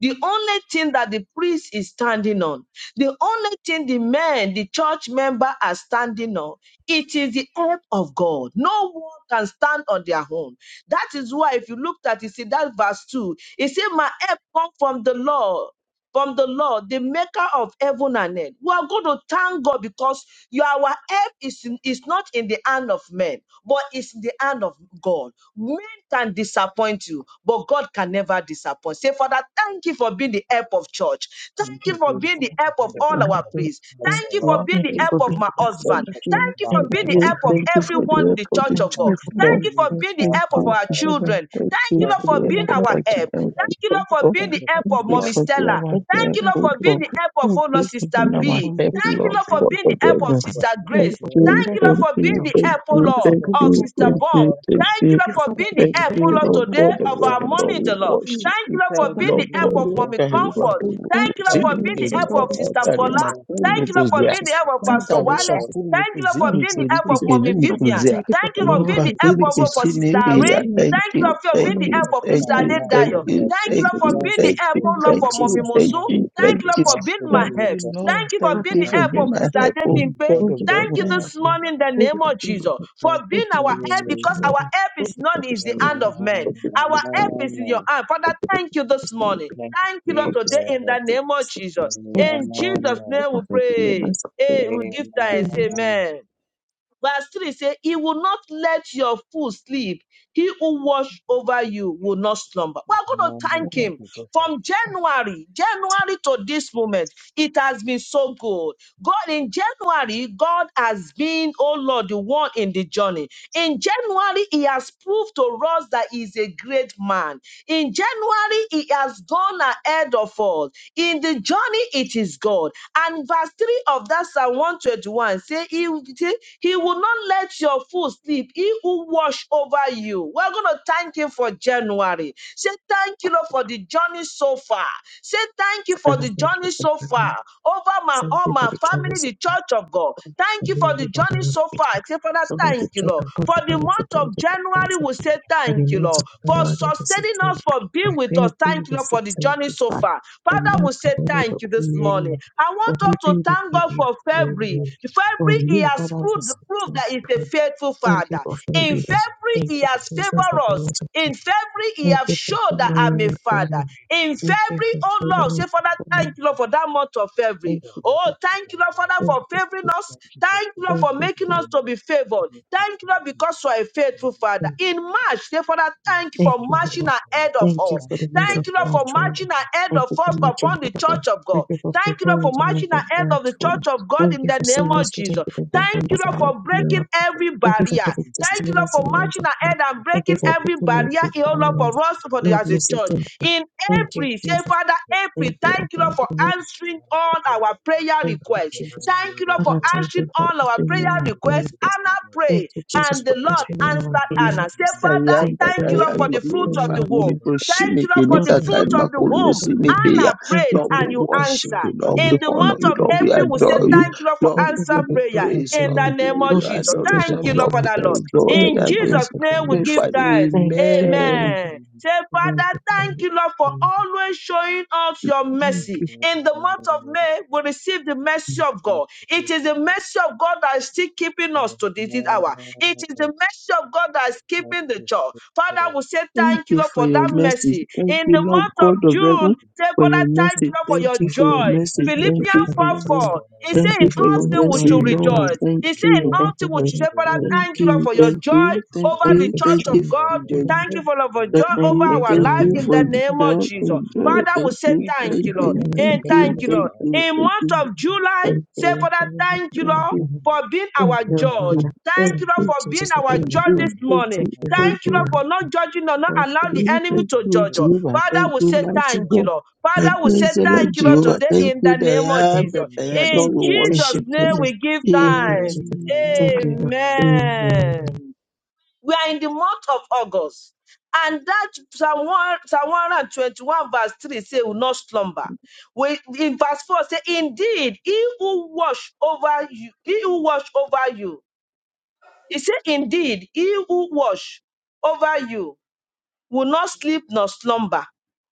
the only thing that the priest is standing on, the only thing the men, the church member are standing on, it is the help of God. No one can stand on their own. That is why, if you looked at it, see that verse 2, it says, My help comes from the Lord from the Lord, the maker of heaven and earth. We are going to thank God because your, our help is, in- is not in the hand of men, but it's in the hand of God. Men can disappoint you, but God can never disappoint. Say, Father, thank you for being the help of church. Thank Thank you you, for Jesus, being for the help being of the all help Thank our of you, priests. us, thank Thank you for Lord. you, being Thank the you thank help for of you, being my the Thank devil's you thank husband. for church. being you, Thank you you our Thank for thank you being for help, the your you, help Lord. of thank you divine. for the everyone in help the of church the Thank of Thank God. you church, you for for Lord. Thank being you being for the faithful. being the Thank help help of of you, our our Jehovah. children. Thank Thank Thank you you, you for for Lord, the for precious being help being of good ahead our of my the help. good. children. people. Thank you, Thank you Lord, for for God. being being Thank the the you help. help Thank of of you our Mommy the for good being Stella. our Thank you, Thank help, you, Father, Lord, oh for for being being God. the the help help of my of Thank oh family. Lord, you for Sister being Lord, our B. I'm help, Thank grateful you, Lord for Lord, Thank being for God the being you the of help of for help my of heaven. being the family. Sister Thank Thank you Grace. for being help you, the Thank of you, us. help Lord, thank of for being you, the Thank the thank you help, church. oh Thank you, you for thank being Lord, the of you, help of Sister thank the you, church. Bomb. thank Thank you. Thank you, Lord, you, for Father, being for the the Thank help, divine oh you, help Lord, of Lord the my today God, the of church. Lord, our the Lord. Thank Lord, mommy in we the you Lord. for being worship the Thank you, you. Lord, help for Thank of you, being my the Lord Jesus. and Lord. Thank you, help God, Jesus. family. of we Thank mommy Thank you tẹ̀léwá for Lord. comfort. being the help olùkọ́ Thank you, of sí Lord, Thank the for you being you, the members of kiri help Lord. of family kàkà Lord. that Sister is Thank látàrí Fola. present. máa kú Thank Thank you, you, olùkọ́ Lord, for zíà. being the Jesus. help of you, Thank Pastor you, Látàrí Wale. Jesus. Lord. kàkú Thank olùkọ́ you, Lord, sí Thank you, Jesus. Thank for mi Thank being the you, kiri help of Jesus. kìkìrí mommy mi Father, kò I Vivian. zíà. thank you for Thank you you, being for our being Lọ́ba the help Jesus. help on of this kéríkì Lord, altar. for sí mi Sister Lord, we say kìyà. Irene. thank you Thank Thank for you, you, that Lord, for thank Thank being the following you you, help for of being thank Sister Thank our you, you, help, thank O Adedayo. Father. you, Lord. Thank you, Thank thank Lord, you, for you, Thank being Jesus. the you, thank help, you, Jesus. oh Thank Lord, you, thank for mommy you, Jesus. thank Mosu. Amen. you, Thank you, Thank thank you, Lord, you. Jesus. for Thank being you, my Thank Thank you, Jesus. help. you, Thank Jesus. Lord. Thank you for Thank Father, being you the you, for thank help you of being for my Sister being help, Jesus. here. oh Adebimpe. God Thank of you for heaven. Thank you being my Amen. this help. morning in the Thank Thank you name for of being my Jesus help. for you, Jesus. Amen. Thank you, Thank being you for our this help solution, because Lord. Jesus. our help Thank is you for not this is the story. Amen. hand of men. Amen. Thank you for Our this help story. is in your Amen. hand. Father, Thank you for thank you this this story. morning. Thank Thank you, Thank you, you Lord, for this today story. in the Jesus. Thank you for name this of story. Jesus. Thank you, Jesus. In Thank Jesus' Thank you name we for every member pray. Hey, we give thanks. Amen. Verse 3 says, He will not let your fool sleep. He who watch over you will not slumber. We're going to thank done. Yeah, Him you, Jesus. from January, January to this moment. It has been so good. God, in January, God has been, oh Lord, the one in the journey. In January, He has proved to us that He is a great man. In January, He has gone ahead of us. In the journey, it is God. And verse 3 of that Psalm 121 say, He will say, He will not let your foot sleep. He will watch over you. We're going to thank Him for January. Say, Thank you, Lord, for the journey so far. Say, Thank you for the journey so far over my Thank all you for my Everybody family, carries the church of God. a Thank you for the family on journey their so far. people. Say, Father, thank Over the Thank you, church Lord. of God For for the the month of security of January, the we say for thank the you, month Lord. of For January the sustaining 16th, us, for being from with us. February Thank you, the Lord, for the 16th journey to so God. far. Father, we Almighty say honor the Thank thank you this you, only Jesus. morning. one. I For want us to Hebrew we thank give God you for February. glory. For February, He me, has Father, we proved, say proved thank that He's you. a Lord. faithful Thank you Father. for In February. February, Thank He you, has favored Jesus, for the us. month of In God. February, he Thank have you for showed that I'm honoring a your father. family. In Thank you February, for oh sharing Lord, your say, Father, thank family. you, Lord, for that month of For Thank February. that you, word Oh, of Jesus. thank you, God. Lord, Father, Thank for you. favoring us. Thank Thank you, Lord, Thank for you, making Jesus. us to be favored. you, Thank you, Lord, Jesus. because you are a Thank faithful Father. In March, say, Father, thank you Thank for you, marching Lord. ahead of Thank you us. for the means of Thank you, Lord, my for marching children. ahead Thank of you for us my children. upon the church of Thank God. you for Thank you, Lord, preparing for the ones marching that ahead right of the for church of God Thank in you the for name saying of yes to thank Jesus. you for your Thank you, wonders and Lord, Lord for breaking miracle. every Thank you for barrier. giving Thank you, Lord, testimonies for in the ones marching of man. ahead and Thank you breaking for every picking me up barrier, with eh, oh Lord, barriers. for us for the, Lord, as a we say church. thank you. In Thank you, April, say, Jesus. Father, Thank April, you, thank you, Abba. Lord, for Thank answering all our prayer you, requests. Jesus. Thank you, Lord, for Father, thank answering you for all our prayer answering my requests. prayer. Anna Thank prayed you, Jesus, and the for Lord answering answered all our prayer Anna. glorified. Say, requests. I Father, am Thank you, that the thank you, Lord, I Lord, am for be for the fruit answering all of glorified. the our Holy womb. prayer requests. Thank you, Proshimeke, Lord, Lord, for the I want to Nikakan fruit thank you of the for the fruit womb. of the womb. Makulusimeke. Anna Thank you prayed, Lord, for we the and you fruit of the worship answered. you. Lord, womb. we In the Thank honor month you you. of for Lord, the we fruit April, we of say the adore you. womb. thank you, Lord, for Lord, Thank we you answer for give the you fruit prayer of praise. the in Lord, the womb. we give name you of Lord, the we Jesus. say thank you Thank for adoration. you, Lord, Lord, answering for our we Father, can Lord. prayers. adore Thank that In you, I Father, Jesus' advance. for the name we In give mercy. fact, thanks. Thank you, Father, Amen. for Amen. you. Say, the Lord Father, of the thank you, Lord, for womb. always showing us your Thank Thank mercy. you. In the month of May, we receive the mercy of God. It is the mercy of God that is still keeping us to this hour. It is the mercy of God that is keeping the church. Father, we say Thank thank you, you Lord, for for your that message. mercy. Thank In you, the Lord month of God of heaven, June, say, for your Father, thank Father, you, message. Lord, we for say Thank your you thank for your you. joy. message. Thank you Thank for you Philippians the 4 for thank your mercy. of God. message. 4. It Thank Thank you says, you for In for your all your holy things we joy mercy, should in the Lord. Lord. rejoice. Thank It you says, for In your you. all Thank you things we for should your say, Father, joy in Thank thank the you, Lord. Lord, you, for great, your thank joy you, thank over Thank the you, you thank church for great, you of your for God. the joy. service. Thank you great, for Lord, for joy Thank Thank over you, you our thank for life you your in the for service. the name Thank of joy Jesus. and great, joy. Father, we Thank say you, you thank thank you, for Lord. the you, thank you thank music. And for that. you, thank you, service. thank Lord. you, In thank month you, of July, Thank say, you for Father, the thank music. you, thank Lord you, service. for being Thank our you, thank judge. you, thank you, Father. thank Thank Thank you, Lord, you, you, for being Jesus, for our being my judge God. this morning. Thank you for Thank thank you, being my Lord, for not God. judging or not allowing the you, enemy thank to you, judge us. Jehovah. Thank Father, we you, say mighty thank you, God. Lord. Thank Father, you, we say excellent thank you, Lord, Jehovah. today Thank in you, the that name of I am Thank you, Thank Jesus. that you, I am. Jesus. Lord, In you. we Thank Jesus' worship. you, name, Jesus. we give Thank you, thanks. Jesus. Thank Amen. you, Lord. Amen. Amen. Amen. We are in the month of August. And that Psalm 1 Psalm 121 verse 3 say, will not slumber. We, in verse 4 say, indeed, he who wash over you, he who wash over you. He said, indeed, he who wash over you will not sleep nor slumber.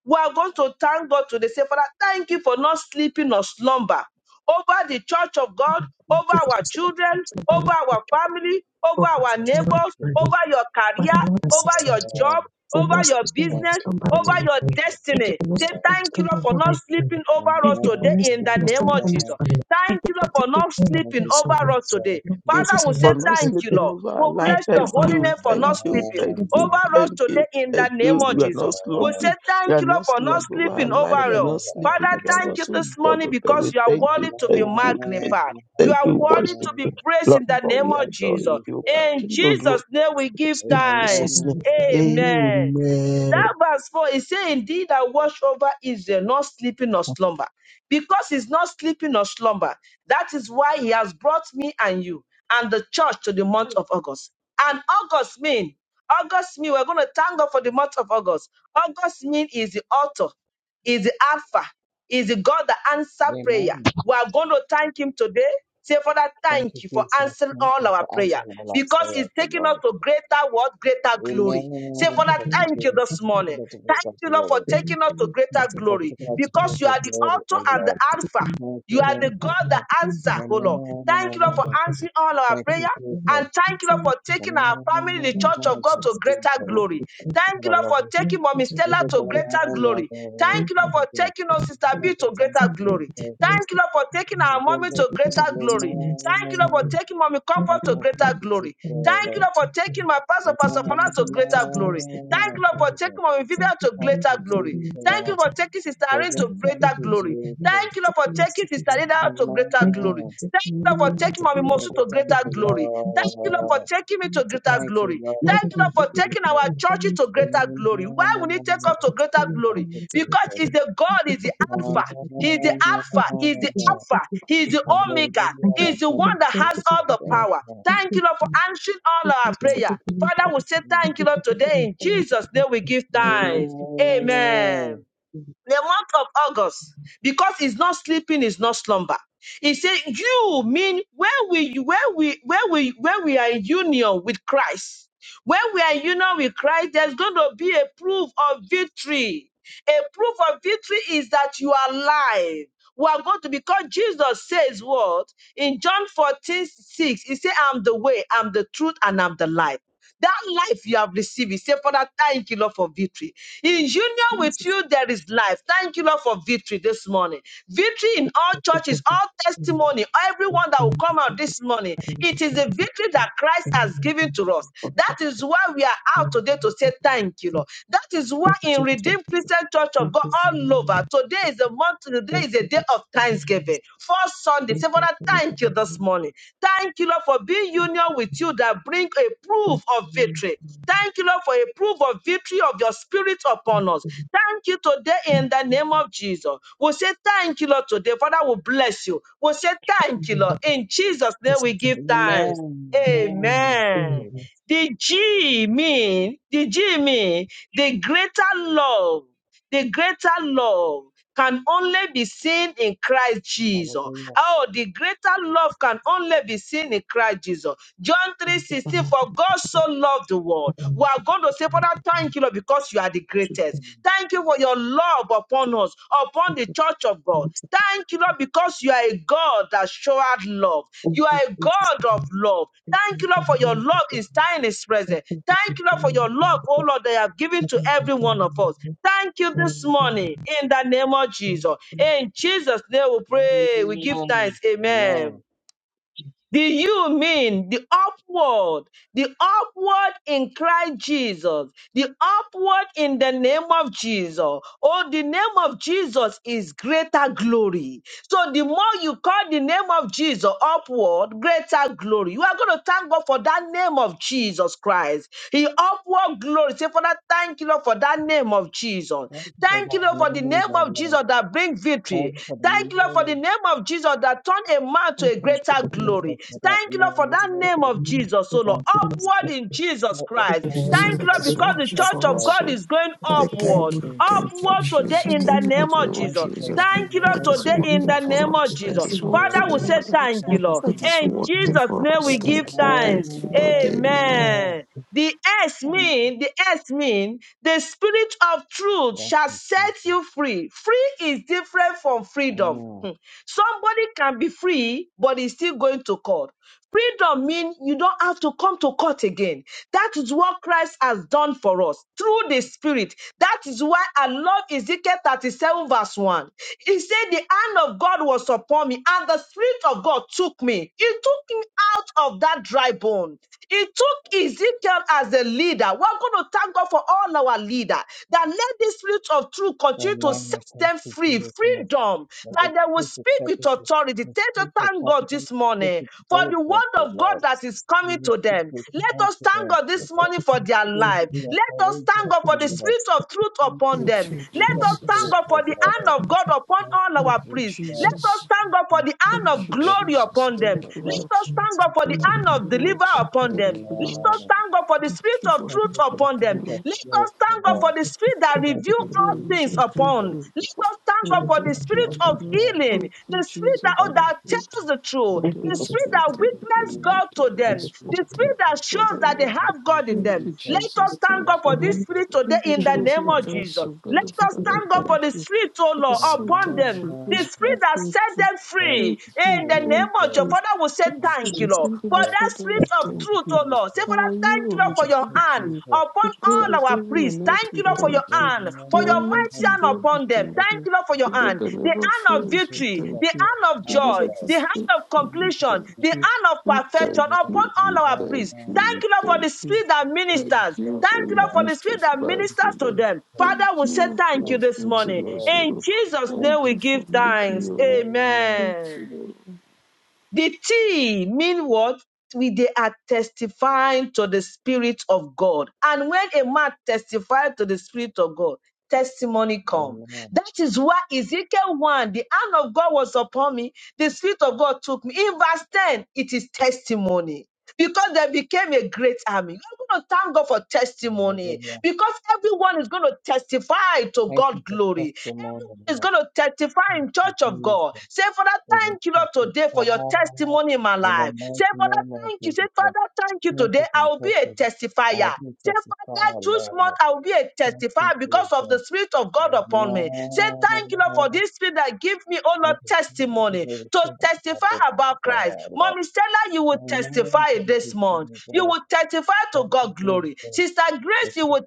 We are going to thank God today. Say, Father, thank you for not sleeping nor slumber over the church of God, Father, Thank over you for our this children, opportunity. Father, over our Thank you family, for the over our Jesus, I thank neighbors, opportunity. you. over your career, Father Thank Lord, I you, say over your thank you Lord. job, for not over your sleeping or Thank business, you, slumber over Jesus. over my your career. Thank Thank you destiny. for not you, Say sleeping Lord. or thank you, slumber Lord, for over not my sleeping career. over us Thank you for today Amen. not in the sleeping or name slumber of over my Jesus. family. Thank Thank you you, for Lord, for taking not care Thank of sleeping you, us all. over us Jesus. today. Lord Thank you Jesus, Father, we I you, am say for Jesus. not thank you, grateful. sleeping Lord. over We our life. Thank bless you, your Thank holy Father. you, name for thank not Thank you, you, Amen. sleeping thank Thank Jesus. you, over us Thank thank you, today in the thank you, name you. of You Jesus. are Jesus. not We say slumbering, you thank are you, Lord, not for not Thank you slumbering over for our sleeping not life, over you are looking you, not over us, sleeping Father, over thank Lord. us. you Oh this God morning of because heaven, you are thank you, worthy to be thank you, Amen. thank you, magnified. You thank are you, worthy worship to be you. praised Lord, in the for name we of Thank you, you, adore Father. you, Jesus. O Jesus. God, In King of glory. Jesus' name we give In thanks. Jesus' Father, Amen. name. we thank you. Mm, Amen. Amen. That verse 4 is saying, Indeed, I watch over Israel, not sleeping nor slumber. Because he's not sleeping nor slumber, that is why he has brought me and you and the church to the month of August. And August mean, August mean, we're going to thank God for the month of August. August mean is the author is the Alpha, is the God that answer prayer. Amen. We are going to thank Him today. Say, Father, Thank thank you, you for Jesus. answering Thank all you our for prayer answering all our because it's prayers, O taking us Lord. to greater what? Greater glory. Say, Father, Amen. we Father, Thank you, thank you. thank you Jesus. this For Thank morning. taking us to greater Thank you, Lord, for glory. you, taking us thank to you, thank you, Thank greater you thank for you glory for taking us to because you greater are the glory, O author and the Lord. Alpha. taking Thank You care of are your soul. Thank you for the you, taking care of God me. that Lord. Thank you, thank you, answer, oh Lord. thank Thank you, you, Lord, for thank you, Amen. thank answering all our Thank prayer. you, you, Jesus. And thank you, Lord, thank you, for thank you. taking our family, Amen. the Thank Thank church you, of God, you, to Jesus. greater Oh, Jesus. glory. we thank you. Thank you, Lord, I Lord, love for you. Thank taking you, Mommy Jesus. Look Stella at to the man, Thank greater you. O glory. Lord. Thank Thank you, Lord, Thank you. you, for God. taking us, Thank Sister you. B, Thank you, to thank greater you, Thank you Jesus. Thank you, thank you, Jesus. glory. for the grace Thank you, of Lord, for God. taking Amen. our mommy Thank to you for the greater grace of glory. Thank you, Lord, God. for taking Mommy Thank Comfort Thank to you for you, greater thank the you, glory. grace Thank you, Jesus. Lord, for of taking God. my pastor, Thank you, Thank Pastor you, Fana, to Jesus, for greater the glory. grace of Thank you, Lord, for God. taking Mommy Vivian Thank you to for the greater glory. Jesus. particular Thank you for situation. taking Sister Irene to Present, Thank thank you greater for you, the for glory. the most Thank Jesus. you, Lord, for particular taking Sister situation. Lida to greater Thank you glory. Amen. Thank you, particularly Lord, in for the Thank taking Mommy you, particular Mosu Jesus. to Thank greater you, opportunity. glory. Thank Thank you, you Lord, for Lord. taking me Thank to greater Thank you, glory. Lord. Thank you, Thank Lord, you, for taking our Jesus. churches to greater Amen. glory. Why would He take us to greater glory? Thank you, Because Jesus. it's the God, is the Amen. Alpha. He is the Alpha. He is the Alpha. He is the Hallelujah. Omega. He is the Thank one that you, has Jesus. all the Amen. power. Thank you, Lord, for answering all our Thank prayer. you, Father, Jesus. we say thank you, Lord, today. In Jesus' name, we give thanks. Amen Amen. Amen. the month of August because it's not sleeping, it's not slumber. He said, "You mean when we when we when we when we are in union with Christ, when we are in union with Christ, there's going to be a proof of victory. A proof of victory is that you are alive." We are going to because Jesus says what in John 14:6. he said, I'm the way, I'm the truth, and I'm the life. That life you have received, you say, Father, thank you, Lord, for victory. In union with you, there is life. Thank you, Lord, for victory this morning. Victory in all churches, all testimony, everyone that will come out this morning. It is the victory that Christ has given to us. That is why we are out today to say thank you, Lord. That is why you, in Jesus, for Redeemed Christian Church of Thank God you for all healing. over, today Today is a month, today Thank is a you day of for healing. us. thanksgiving. For Sunday, Thank say, you Father, for thank you healing. this us. morning. Thank you, Lord, for being union with you that bring a Thank proof of you victory. for Thank you, Lord, for a proof of victory of your spirit upon us. healing. Thank you today in us. the name of Jesus. We'll say thank you, Lord, today. Father, will bless you. We'll say And thank you, we Lord. hope the In Jesus' name, we patients are give thanks. Jesus. Thank you Amen. for Amen. Amen. healing. The G mean, the G mean, the greater love. The greater love can only be seen in Christ Jesus. Hallelujah. Oh, the greater love can only be seen in Christ Jesus. John Thank 3:16. you for having for me to God do so loved the world. what I We need to are going to do say, to be Father, thank you, Lord, because you are the greatest. treated. Amen. Thank you for your love upon us, upon Thank the you, church of God. Jesus. Thank you, Lord, because you are a God that showed love. Thank You you, are a Jesus, God of love. Thank you, Lord, for for your having us. love Thank you for healing. is time is Thank present. you for Thank you, the Lord, for your healing. love, oh Thank Lord, that you have given to you every for one of us. the Thank you this healing. morning in the name of Jesus. In Jesus' name we pray. We give thanks. Amen. Amen. Do you mean the upward, the upward in Christ Jesus, the upward in the name of Jesus? Oh, the name of Jesus is greater glory. So the more you call the name of Jesus upward, greater glory. You are going to thank God for that name of Jesus Christ. He upward glory. Say, Father, thank you Lord, for that name of Jesus. Thank you for Thank you that Lord, for the name, name oh of Lord. Jesus that brings victory. Thank you for the Thank you Lord, for the name. name name of Jesus that turned a man to Thank a you, Thank you, greater for the healing. glory. Jesus, for that Thank you, name. Lord, for oh that Thank you, Jesus, for name Lord. the healing. Thank you, for the healing. Thank of Jesus, oh Lord, Thank you, you, for the Jesus. upward healing. in Jesus Let us you Christ. for the Lord, name Jesus, Thank of you, that Lord, us Lord, is Jesus. because us the working church for of us. Lord, God So, is going Thank us you Father, for the Lord, name upward, thank of you. in Thank Jesus. Jesus' you, upward Jesus. today All in the the Thank name. you name for of name the of Jesus. name of Thank you Jesus. for your Jesus. Thank name, Thank you, you Lord, That for the is today oh in name of working the Lord. Jesus name for for of the us. Thank That Jesus. blessing is you for of your working Father, we in Jesus. our say name. lives. thank you, Now, Thank you, Lord. Pastor, That Jesus. thank is you In for the name working of Jesus' for name, us. we Jesus. give I Thank you. thank you thanks. for Thank you, the name Lord. of Amen. Amen. Amen. Jesus. The S And mean, the S mean, the spirit of truth Thank shall you, Jesus. set you free. Free is different from freedom. Amen. Hmm. Somebody can be free, but is still going to court. Freedom means you don't have to come to court again. That is what Christ has done for us through the Spirit. That is why I love Ezekiel 37, verse 1. He said, The hand of God was upon me, and the Spirit of God took me. He took me out of that dry bone. He took Ezekiel as a leader. We're going to thank God for all our leader that led the Spirit of of truth continue to Amen. I set Thank them you, free, Jesus. freedom, Let that the they will truth of speak with sacrifice, authority. the Thank you, truth of thank God this sacrifice, take morning it for boldness, the word O of God Lord. that is You coming will to speak them. with Let us thank confidence, God O this thank you Lord. morning for the for their You victory. will life. be a Let us thank courageous, Thank God you, for O the Lord. spirit Jesus. of truth Thank upon you Thank them. for the you, fruit The of Let us name of thank Jesus. spirit, Jesus. God for O Thank the you for the Lord. hand of things God of upon Thank all you, God. Thank you. Thank our you, priests. Let Jesus. for the name of Jesus. Thank you for the things of God. Thank you for the things Thank us Jesus. thank God for Thank the hand you, Thank of you, Jesus, glory for the Jesus. upon fruit, Thank them. O you, Lord. Lord. Let us thank God for the Thank hand Thank you, of you, deliver Lord. Jesus. upon Thank them. you, Let Lord. us Amen. thank God for the Thank spirit you of for Thank truth you for everything, the upon fruit them. of Lord. Let truth, us O thank God Thank you. for Lord. the spirit that you Thank reveals We you, for the are all Jesus. things indeed upon. Thank grateful. you, Jesus. Let us thank God And children for of the this God. give spirit you to of the Amen. healing, thank you, the spirit Jesus, that, for oh, Thank the you, that fruit Jesus. tells the truth, Thank of Thank the you, you the Holy for the spirit Spirit. Jesus. that spirit Thank you for the witness Hallelujah. God gift of to the Holy Thank them, you, Spirit. the spirit Thank Jesus. that you, shows Father, in that they Thank have you, God in Thank them. you, Let Jesus. us Jesus. thank God Let's Thank of the you, for this Lord. come spirit back. today Thank you, in Jesus, the Let's name Jerusalem come of back Jesus. to Council. God the the Let thank us Father, thank you, truth, O God for thank the Lord. you. spirit, oh God the Lord, Son, upon thank them. you. Holy The Amen. spirit Spirit, that thank set you. them free Thank in you. the name Thank of Jesus. your you. Father we say Thank Thank you, you, thank you, Jesus, Lord, for dependable Jesus. that Father, spirit we of Thank thank you, truth, you. oh Lord. Say, Jesus. Our Father, thank hero, you, Lord, we for Thank your you, thank hand you. Jesus. upon The God Thank of all you, our heaven priests. and Jesus. earth, Thank we you, Lord, for Jesus, your thank you. hand, for The your Amen. Thank you, mighty Almighty hand God, Jesus. we upon them. thank Thank you, Jesus. Thank you. you, Lord, for your The God hand, that the never hand of fails, we victory, thank the you. hand of The God joy, that Hallelujah. the is hand of Thank faithful, you, we completion, thank the you. Jesus. hand of We perfection thank upon you. We all our thank priests. Amen. Thank you. you, We Lord, for thank the you. spirit that ministers. Thank you Jesus, for Thank you, the Lord, Lord. for the gift spirit of that Mm, life, O ministers to sí, Lord. them. eh, Thank Father, we say you for thank you your this fruits fácil, morning. in eh, us, O In Lord. Jesus' name, Thank we fácil. you give for making thanks. your own. Amen. Thank Amen. you, The T mean what? We they are testifying to the Spirit of God. And when a man testifies to the Spirit of God, testimony come. Amen. That is why Ezekiel 1, the hand of God was upon me, the Spirit of God took me. In verse 10, it is testimony. Because they became a great army. You're going to thank God for testimony Hallelujah. because everyone is going to testify to Thank God's you for glory testimony, is Lord. going to testify Thank in you, church of Jesus, God. Say, Father, for the thank you, Lord, today for your testify testimony in my in the life. Say, mighty Father, name of thank you. Say, Jesus. Father, thank you Thank today. you for I will be a testimony. testifier. I'll be Say, Father, testified, this month Lord. I will be a Thank you, testifier because of the Jesus. Spirit of God upon me. Say, thank you, Lord, for Amen. this Spirit that give me, oh Lord, Thank you, Jesus. Give testimony me the to strength to testify about testify, Christ. Lord. Mommy Stella, you will Amen. testify in Thank this you, month. You Jesus. will testify to Thank you, God glory. Jesus. Sister We Grace, you sacrifice will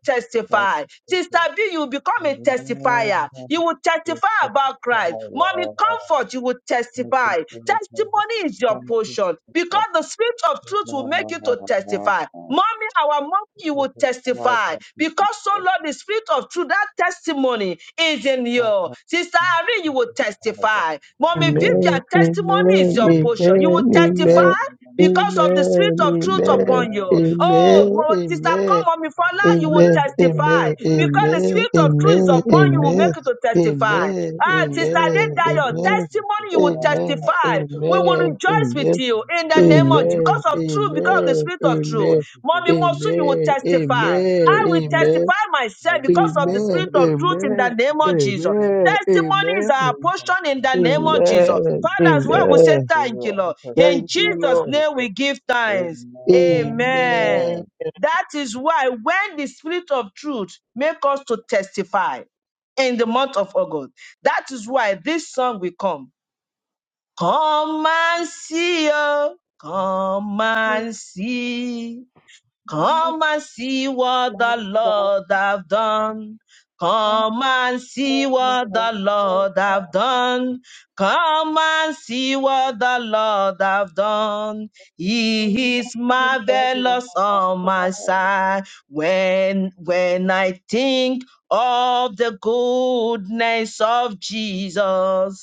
to testify. you, Sister B, you will become the a testifier. Lord. You will We testify about Christ. sacrifice, Mommy Lord. Comfort, you will Make it testify. good, Lord. Testimony is your Thank you, portion Jesus. because the spirit of truth will make Lord. you to testify. Mommy, our mommy, you will Sacrifice testify unto because so Jesus. Lord, the spirit of truth, that testimony is in Father, you. thank Sister you, Irene, you will sacrifice testify. unto Mommy Jesus. Amen. Vivian, testimony is Amen. Amen. your portion. You Amen. will Jesus. Amen. Amen. Sacrifice testify because unto of the spirit Amen. of truth Amen. upon you. Oh, Amen. Mo- Sister Amen. Komomifala, you will Amen. testify Amen. because Jesus. the Amen. spirit of truth is Amen. upon you, will Amen. Amen. make you to testify. Amen. Amen. Ah, Sister Dedayo, Amen. testimony, you will Amen. Amen. testify. We will Amen. Amen. rejoice with Amen. you in the name of Hallelujah. Jesus Amen. because Amen. of Thank truth, because of the Amen. spirit of truth. Amen. you, Mommy Mosu, Jesus. you will Amen. testify. Amen. Amen. I will Amen. Amen. testify myself because of the Amen. Amen. spirit of truth in the name of Jesus. Amen. Testimony is our portion in the name of Jesus. Amen. Father, as well, we say Amen. thank you, Lord. In Thank you, Jesus' Lord. name, we give thanks. Amen. Amen. That is why when the spirit of truth make us to testify in the month of August, that is why this song will come. Come and see, oh, come and see. Come and see what the Lord have done. Come and see what the Lord have done. Come and see what the Lord have done. He thank is marvelous on my side. When when I think of the goodness of Jesus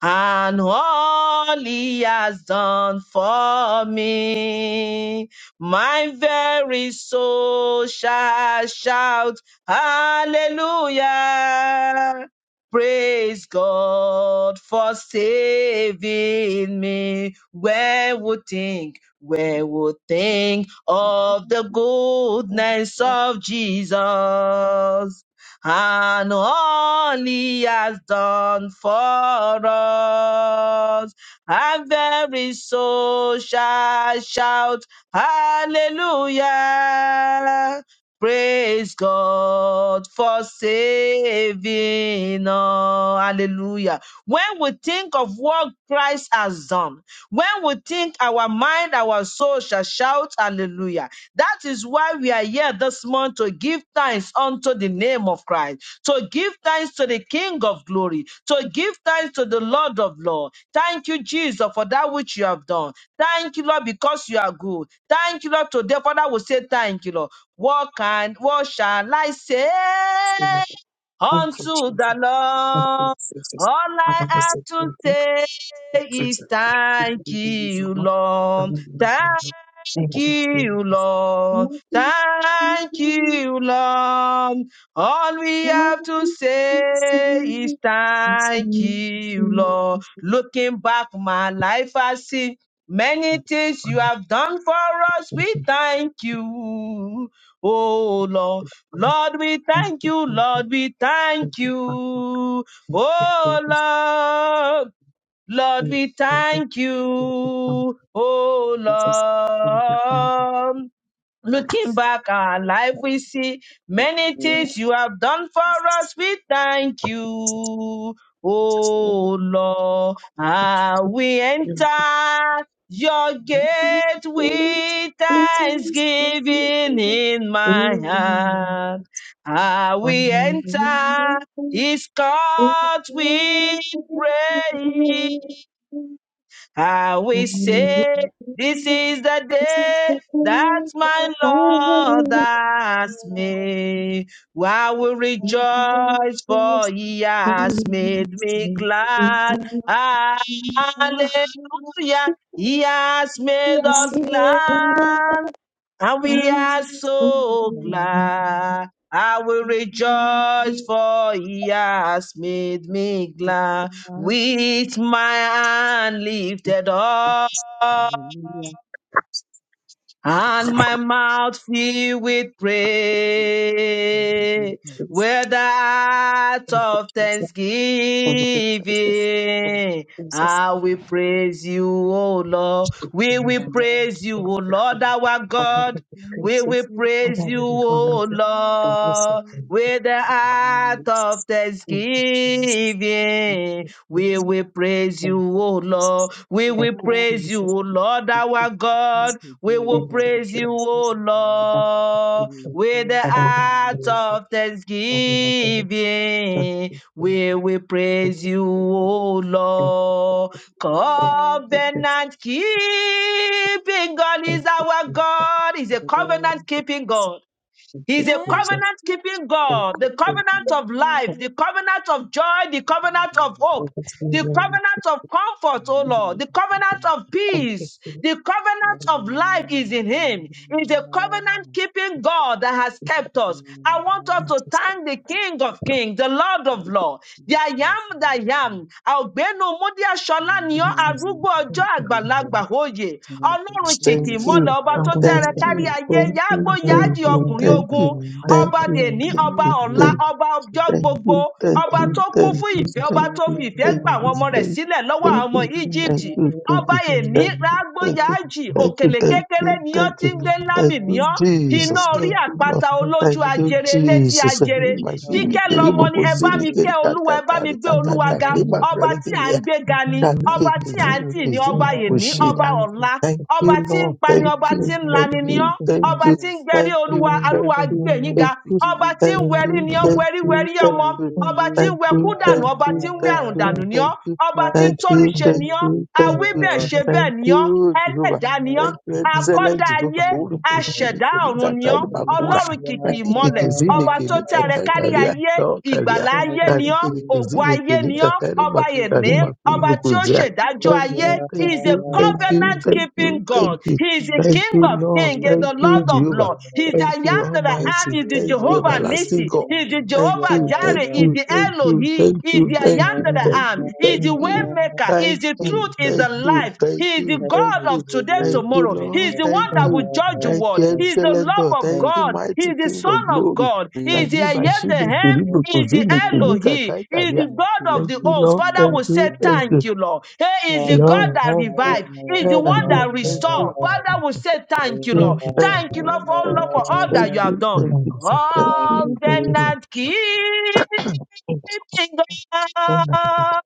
and all he has done for me. My very soul shall shout hallelujah. Praise God for saving me. Where would think, where would think of the goodness of Jesus? and all he has done for us. And very soul shall shout, Hallelujah! Praise God for saving us. Hallelujah. When we think of what Christ has done, when we think our mind, our soul shall shout hallelujah. That is why we are here this month to give thanks unto the name of Christ, to give thanks to the King of glory, to give thanks to the Lord of Lord. Thank you, Jesus, for that which you have done. Thank you, Lord, because you are good. Thank you, Lord. Today, Father will say thank you, Lord. What can, what shall I say Spirit, thank you, unto the Jesus, thank you, Lord? Jesus. All I Father, we have say to thank you, say we praise is you. We give thank you the reason you, why, the Lord. reason why, the reason why. Thank Thank you, you, Jesus. Lord. Thank you, Thank Jesus. you, Lord. All we Lord, have to we bless say is you. Yes, thank thank you, you. Lord. Looking back, my life, I see many Thank you, things you Father. have done for us. Thank We thank you, oh Lord. Lord, we thank you, Jesus. Thank you, you, Jesus. Lord, we Thank thank you, Father. you, Thank you, Jesus. oh Lord. Lord, Thank you, we Jesus. thank Thank you, Father. you, oh Jesus. Thank you, thank you. Lord. Looking back our life, we see many you. things you have done for Jesus. us. We thank you, Thank Oh, oh Lord. you, Ah, Jesus. we Thank you. enter your gate Oh, Lord, with thanksgiving in my heart. it's Ah, fine. we enter his court with praise. I will say, yes, This is the This is day the first that time. my Lord has made. I will rejoice, for this he has made me glad. funny. Hallelujah. He has made I us said, glad. And we are so glad. I will rejoice, for he has made me glad with my hand lifted up and my mouth filled with praise, with the heart of thanksgiving. I will praise you, O Lord. We will praise you, O Lord, our God. We will praise you, O Lord, with the heart of thanksgiving. We will Amen. praise you, O Lord. Oh, We will Lord, we praise you, O Lord, our God. thank you, We Jesus. will We praise you, thank you, O Jesus. Lord, We with the praise your name. heart of Thank thanksgiving. you, Jesus. We will Thank praise you, Thank you, Jesus. O Lord. you, Lord, Covenant keeping God is Thank you, our Jesus. God. He's a today. covenant keeping God. Thank you, He's a Thank Jesus. you, covenant keeping Thank God, you, Jesus. Thank you, Jesus. Thank you, Jesus. Thank you, Jesus. Thank you, Jesus. Thank you, Jesus. the Thank covenant of life, the covenant of joy, the covenant of hope the covenant of comfort, oh Lord, the covenant of peace, the covenant of life is in Him. It's a covenant Lord. keeping God that has kept us. I want us to thank the King of Kings, the Lord of Thank Lords, the I am that I am. Àgbénu Múdí Aṣọ́lá ni ọ́, you, Jesus. arúgbó ọjọ́ Thank you, for àgbàlagbà me. òye. Thank you, you, Ọlọ́run kìkì Jesus. ìmọ́lẹ̀ ọba tó Father, we tẹ́rẹ step Jesus. kárí in. ayé, yáágbó Father, Thank we yáájì you, value ọkùnrin you. Jesus. ogun And Father, thank you, ọba we Lord. are going dèní to ọba ọ̀la ọba you. ọjọ́ gbogbo Thank ọba you, Going tó kún you, fún ìfẹ́ Jesus. ọba Lord. tó fi Thank Thank you, ìfẹ́ gba àwọn Jesus. ọmọ you. rẹ̀ sílẹ̀ lọ́wọ́ àwọn ọmọ Thank you. Jesus. egypt ọba Thank èní you. Thank rágbóyàájì you. òkèlè kékeré ni ó ti ń Jesus. gbé lámì ní ọ iná orí àpáta olójú ajere létí ajere kíkẹ́ lọmọ ni ẹ bá mi kẹ́ olúwa ẹ bá mi gbé olúwa ga ọba tí à ń gbé ga ni ọba tí à ń tì ní ọba èní ọba Kushida. ọ̀la Thank you, ọba tí ń Lord. pani Thank ọba tí you, ń thank lani ni you, ọ thank ọba you, tí ń gbẹrí thank olúwa you, thank alúwa gbé you, yín ga thank We you, give ọba you tí thank ń wẹrí you, ni ọ glory. thank wẹrí you, wẹrí ọmọ thank you, ọba tí ń thank Hallelujah. wẹkú you, dànù thank ọba tí you, ń wí thank àrùn you, dànù Thank ni ọ thank you, thank you, ọba tí ń thank Thank you, tórí you, ṣe ni Jesus. ọ thank awí you, bẹ́ẹ̀ ṣe bẹ́ẹ̀ thank ni ọ you, Jehovah. ẹlẹ́dàá ni ọ Thank you, Thank excellent akọ́dá you, Jehovah. ayé Holy Jesus. Bushiri, aṣẹ̀dá ọ̀run Kelika, ni ọ Tani Bakura. ọlọ́run kìkì Hallelujah. Kalike ìmọ̀lẹ̀ Kizini, ọba tó tẹ́ Kelika, arẹ Tani kárí Kalia, ayé Lord Kalia. ìgbàlà Thank ayé ni you, ọ Kalike ògo Jesus. ayé ni ọ Kizini, ọba Hallelujah. ẹmí Karima ọba tí ó Sharimakulubrukuzea. ṣèdájọ Thank ayé Hallelujah. you, he thank is a you, thank you, covenant thank keeping you, thank god you. he is a Thank king you, of Lord. kings he is Thank the you, lord of Jehovah. lords he is the Thank i you, am that i Thank am Almighty. he is the you, Thank you, jehovah Jesus. Thank you, Everlasting Nissi. God. he is the Jesus. Thank jehovah you, thank jireh he Hallelujah. is you, the thank you, elohim thank he is you, the i thank am you, that i you. thank am you, he is thank the Thank way you. you. Amen. maker he is Thank the Thank you, truth you, he is thank the Lord. you, life thank he is the you, Thank thank god you, you. of today Thank you, tomorrow he Lord. is the Thank one that Thank you. will judge you. the Thank world you, he is Jesus. the excellent love God. of Thank Thank you, god he mighty is the King son of of glory. god he We is the I exalt Kariba Thank am the you, Shibe Lord. you, Hem Lord, Kiribu is the Kuzini Thank you. Kinika Elohi, is Kaikaria. the thank God you, of Thank the you, Jesus, host. Lord. Father Thank will Lord. say, you. Thank Thank you. you, Lord. He is the Thank God Lord, you, that thank you. revived, is the Thank God, one I'm Lord. you. that very, Thank very, you. restored. very Father will happy. say, Thank you, Thank Lord. Lord. you, Thank Jesus. Amen. you, Thank you, Lord, Lord. for all, Thank Thank Lord, you, you. for all Jesus. Thank that you have you. done. God, Thank I'm you. very thankful. Thank Thank Thank you. you, you Thank Thank you Jesus. for you. the Covenant show. keeping Thank you. Oh, my God. God,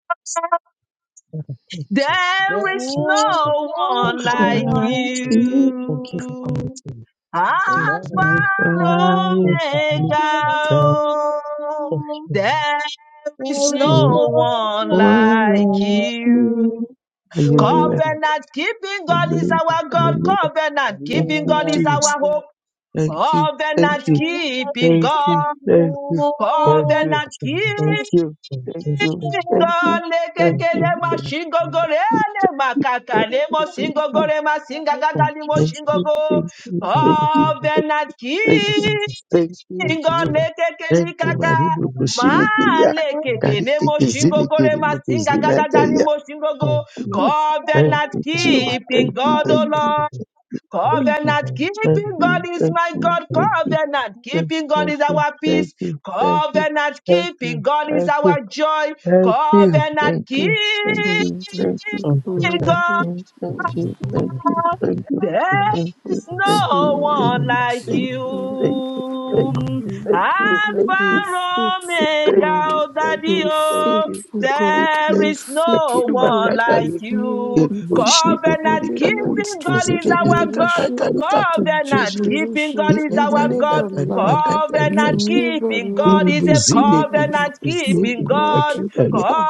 Father, thank you. Yes, there Thank is you, Lord, Jesus. no Thank one you for the I like name of Lord. like Jesus. you. Thank you for coming you. to me. Alpha Thank you for Amen. the name. That's why I Lord, Thank you for the look Omega. name. up Thank Lord, oh, you. Lord. There is There is Thank so no no you. Lord. one for one like like like you. you. Hallelujah. you. Thank Covenant keeping God is Hallelujah. our you. Lord. God. Hallelujah. Covenant Thank keeping you, God is Jesus. our Amen. hope. Thank you. Thank Thank Covenant you. keeping Thank you. God. Thank you. Thank Thank you, you. Covenant Jesus. Thank keeping you. Thank Thank you, you. Jesus. Thank you. God, Thank Thank you, Lekekele you. mashingo Jesus. gorele makaka Thank you, lemo thank you, gore masinga gaga Thank limo you, thank Jesus. you, go thank Thank you, you, Jesus. covenant Thank thank you, you, Jesus. thank you, Thank you, kingo Jehovah. Jesus. Thank lekekele you, Thank kaka you, Maribu Jesus. ma Kushinikiya. Thank lekekele Kariki Kiziniki gore masinga gaga gaga Kuzinakaya. go you. No. Thank Thank covenant you, you, Jesus. Jehovah. Thank keeping you, God Thank oh thank you, you, Lord Jesus. Yeah, thank you, Father, Covenant we thank thank keeping God you, you. is thank my you, God. thank you, Covenant thank keeping you, thank God is you, our thank peace. you, thank you, thank you, Covenant thank keeping you, God is thank you, thank you, thank you, our joy. thank you, thank you, thank Covenant keeping Thank you for Lord, God. everything. Father, you, thank Father, we you, thank you, thank you. Thank you, Lord, There's we thank pray. for you, no Father, thank one we you, making love like us you. your thank Father, you, own. thank we you, you. love you. Thank you. Mm, thank you, thank you, thank Alpha you, Omega, thank God, you, oh, thank Daddy, you faithful God, you you, thank oh. you, faithful thank you, God, There thank you you. is Lakini no faithful one God, makaka like you you. you keep your Covenant lililoshindikilika covenants keeping God from is our kuzidikilika generation kaka God. to Covenant likakushinda keeping God generations. is ile You our kalika God. never kali lie, makaka you Covenant likashindikilika never keeping God lie. is a You are a covenant faithful keeping kuzidikilika God. God. kaka Ah,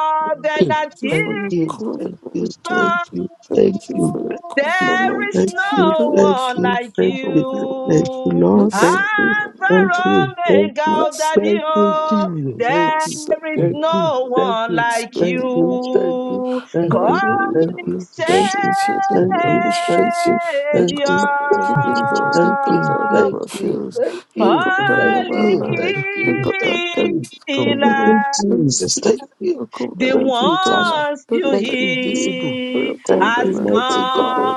Thank thank you for keeping your you, thank you, covenant, thank oh. you, Thank thank you you, for thank your you, there is thank covenant. you, no Thank one you, like King thank of you, Glory. thank you, you. Lord, Blessed thank be you, your Alpha thank name, you, thank you, Omega, Blessed Daddy, thank be your you, oh. name, O Lord. Jesus, thank There you, Blessed be is thank Thank your you, name, no O Lord. thank one you, Blessed like be thank your you, name, O thank Lord. you, you. Thank thank you, Come Hallelujah. thank We you, you, Savior. thank Jesus. you, appreciate your name. Thank thank We you, you, Jesus. thank appreciate you. you, Thank The you, thank Jesus. you, covenant thank Thank keeping you, you, Jesus. God, the thank God you, that Thank you, thank never Jesus. you, fails, thank the you, God that Amen. thank you, never Holy Thank lies, thank you, the Jesus. you, God that thank you, kept his Amen. thank covenant. Eli. you, And you, Jesus, still thank you. keeping your The Thank covenant you, with us. Tana. ones Lord, you we Thank thank you, you Visible. for hear your Thank you, has covenant. Mighty Thank you for God. your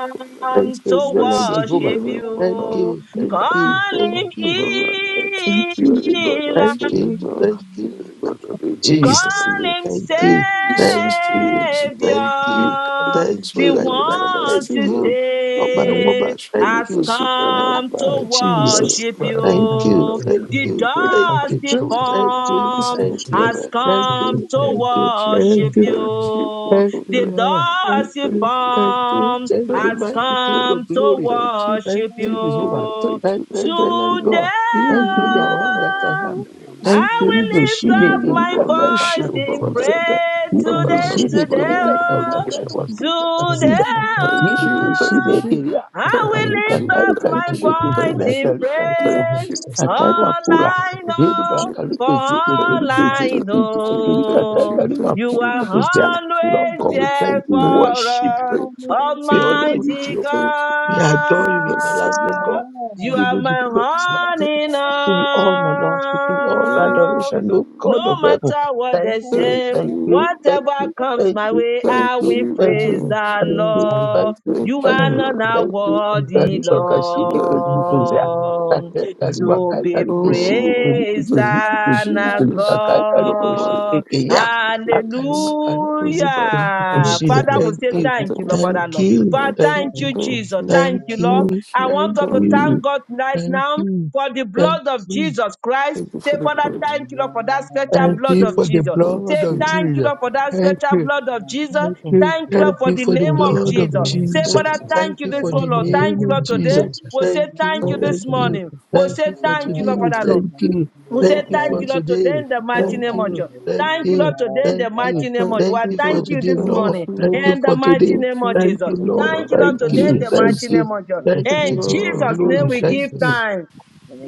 Thank covenant. you, to Zealous Blessed be Jehovah. your worship name, O Thank Lord. you. you, You thank are the you, God Call thank Thank of you, you. heaven and earth. thank him You are the you, God of thank heaven, you, Lord. thank You you, are the God you, of Jesus. heaven, Jesus. Call standing. him Thank Uh, Savior. you, you thank sustain you, us, Lord. thank You you, carry thank us by The you, an and you like, one thank everlasting to hand. you, Oba And we are save Woba, grateful thank has you, because you Ah, cannot come to lie. You are Jesus. worship not Father, we Thank lying, love but I you, will you. thank The you. never you, break. thank Thank you, you, dusty I Jesus. will thank never break you, Thank his form you, thank covenant. Jesus. I you, has will never thank Thank you, come you, Jesus. to lie. thank you, Thank you. thank you. worship Thank you, Thank Jesus. you. you. Thank Thank you. Thank you, The you. Lord. Thank Thank dusty you, thank you. you, form thank Thank you, has you. mighty King Thank of come you. to glory. Thank you. Thank worship you, Thank you, Jehovah. Lord. you. Thank Thank you, Lord. you, Thank you, excellent Lord. God. Today Thank You you, that I am that know, I am. Thank you, thank Thank you, I you, will lift Riboshine up my Kerika voice Kaimaku. Father, in Son, prayer Thank you, today, Nidikeshine Jesus. today, Kerika Thank you, oh, Jesus. Kaimaku. For the today, night Sida, of my life, thank you for thank Nidikeshine me. oh. you, Keria. Thank I you for will my thank Malika lift family. you, up Karika my thank Thank you you, Jine for my voice Kehina thank family. in Thank you Karika for my prayer you, King sister. of all Glory. Ataimakura Thank you for I Thank the heri know, relationship. for you, makarikuziya Thank you thank all for the kerikeziya I people. you, thank you, thank you, know. thank You you, thank you, are thank you, Lord always God, we thank you, thank there you, we thank for you, worship you, us, mighty Hallelujah. we Amen. honor Jehovah. you, Almighty Jehovah. Thank you, We adore Lord, you, we for saving me. everlasting God. God. We You Amen. Amen. give are you the my praise, Lord Thank running give you all my Lord. We give you all you, my thank on. adoration, you, O God of No heaven. matter what Thank they Thank you, you, thank say, thank Jesus. you. you, thank whatever you, comes thank my you, way, thank I Thank you, will you, I thank you, praise will thank the you, thank praise you, Hallelujah. you, Lord. thank Lord. you, thank You thank are Thank you, you. not thank you, you. Thank you, worthy, Karibu Jesus. Lord. kashini Thank Thank you, kuzia. you, Jesus. Lord, Kake Thank you. karibu to kai be karibu keshini oh, kuni praised thank kuzini Thank you, kuzini and kuni Jesus. kakai Oh, karibu my shini God. kia. Akarima goodness, karibu oh, zidi my kuni Thank Hallelujah. you, kushini. Father, Jesus. everything. we Thank say Thank you, Thank thank you, you, you. Lord, thank thank you, Father, Lord. you, Father, thank thank you, thank Thank you, you, thank Jesus. Thank thank you, Lord. you, you, I want thank us to thank thank you, you. God right thank now you, for the thank blood of you. Jesus Christ. Thank you Say, for the Father, word. thank you, Lord, for that special Thank blood Thank you of for you, the Jesus. blood Say, thank of you, thank you, Jesus. Lord, for that Thank special you, blood of Jesus. you, thank you, you. Thank you, Lord, thank for you the for Jesus. the Thank name you of for blood the of thank Jesus. glory Say, of Jesus. Father, you, Jesus. Thank thank you you this for Thank the one, you Lord. for the Thank name you, of glory Lord, of today. Jesus. Thank Jesus. We'll you, say Thank you, thank Thank you thank you, this thank Jesus. you, you, morning. We'll thank say you for thank you, today. Lord, Father, Lord. thank, you, Thank you, We say thank thank you thank for you, you, Lord, today. today in the mighty Thank thank name of you, Jesus. you, thank Thank you, you, Lord, today in thank the you, mighty thank name you, of thank Jesus. thank I you you, for thank Lord. you today, this Thank Lord. morning you, Thank Lord. you in the for mighty today. Thank name of you Thank Jesus. for you, the Lord. blood Thank you, Lord, Thank of Thank today you, in you, the thank mighty Jesus. Jesus. you, name of Jesus. Thank thank The you, Amen. you, In Jesus. King of Jesus' blood name of Glory. Thank you, Jesus. Thank we you Thank give you. Jesus. Jesus. thanks.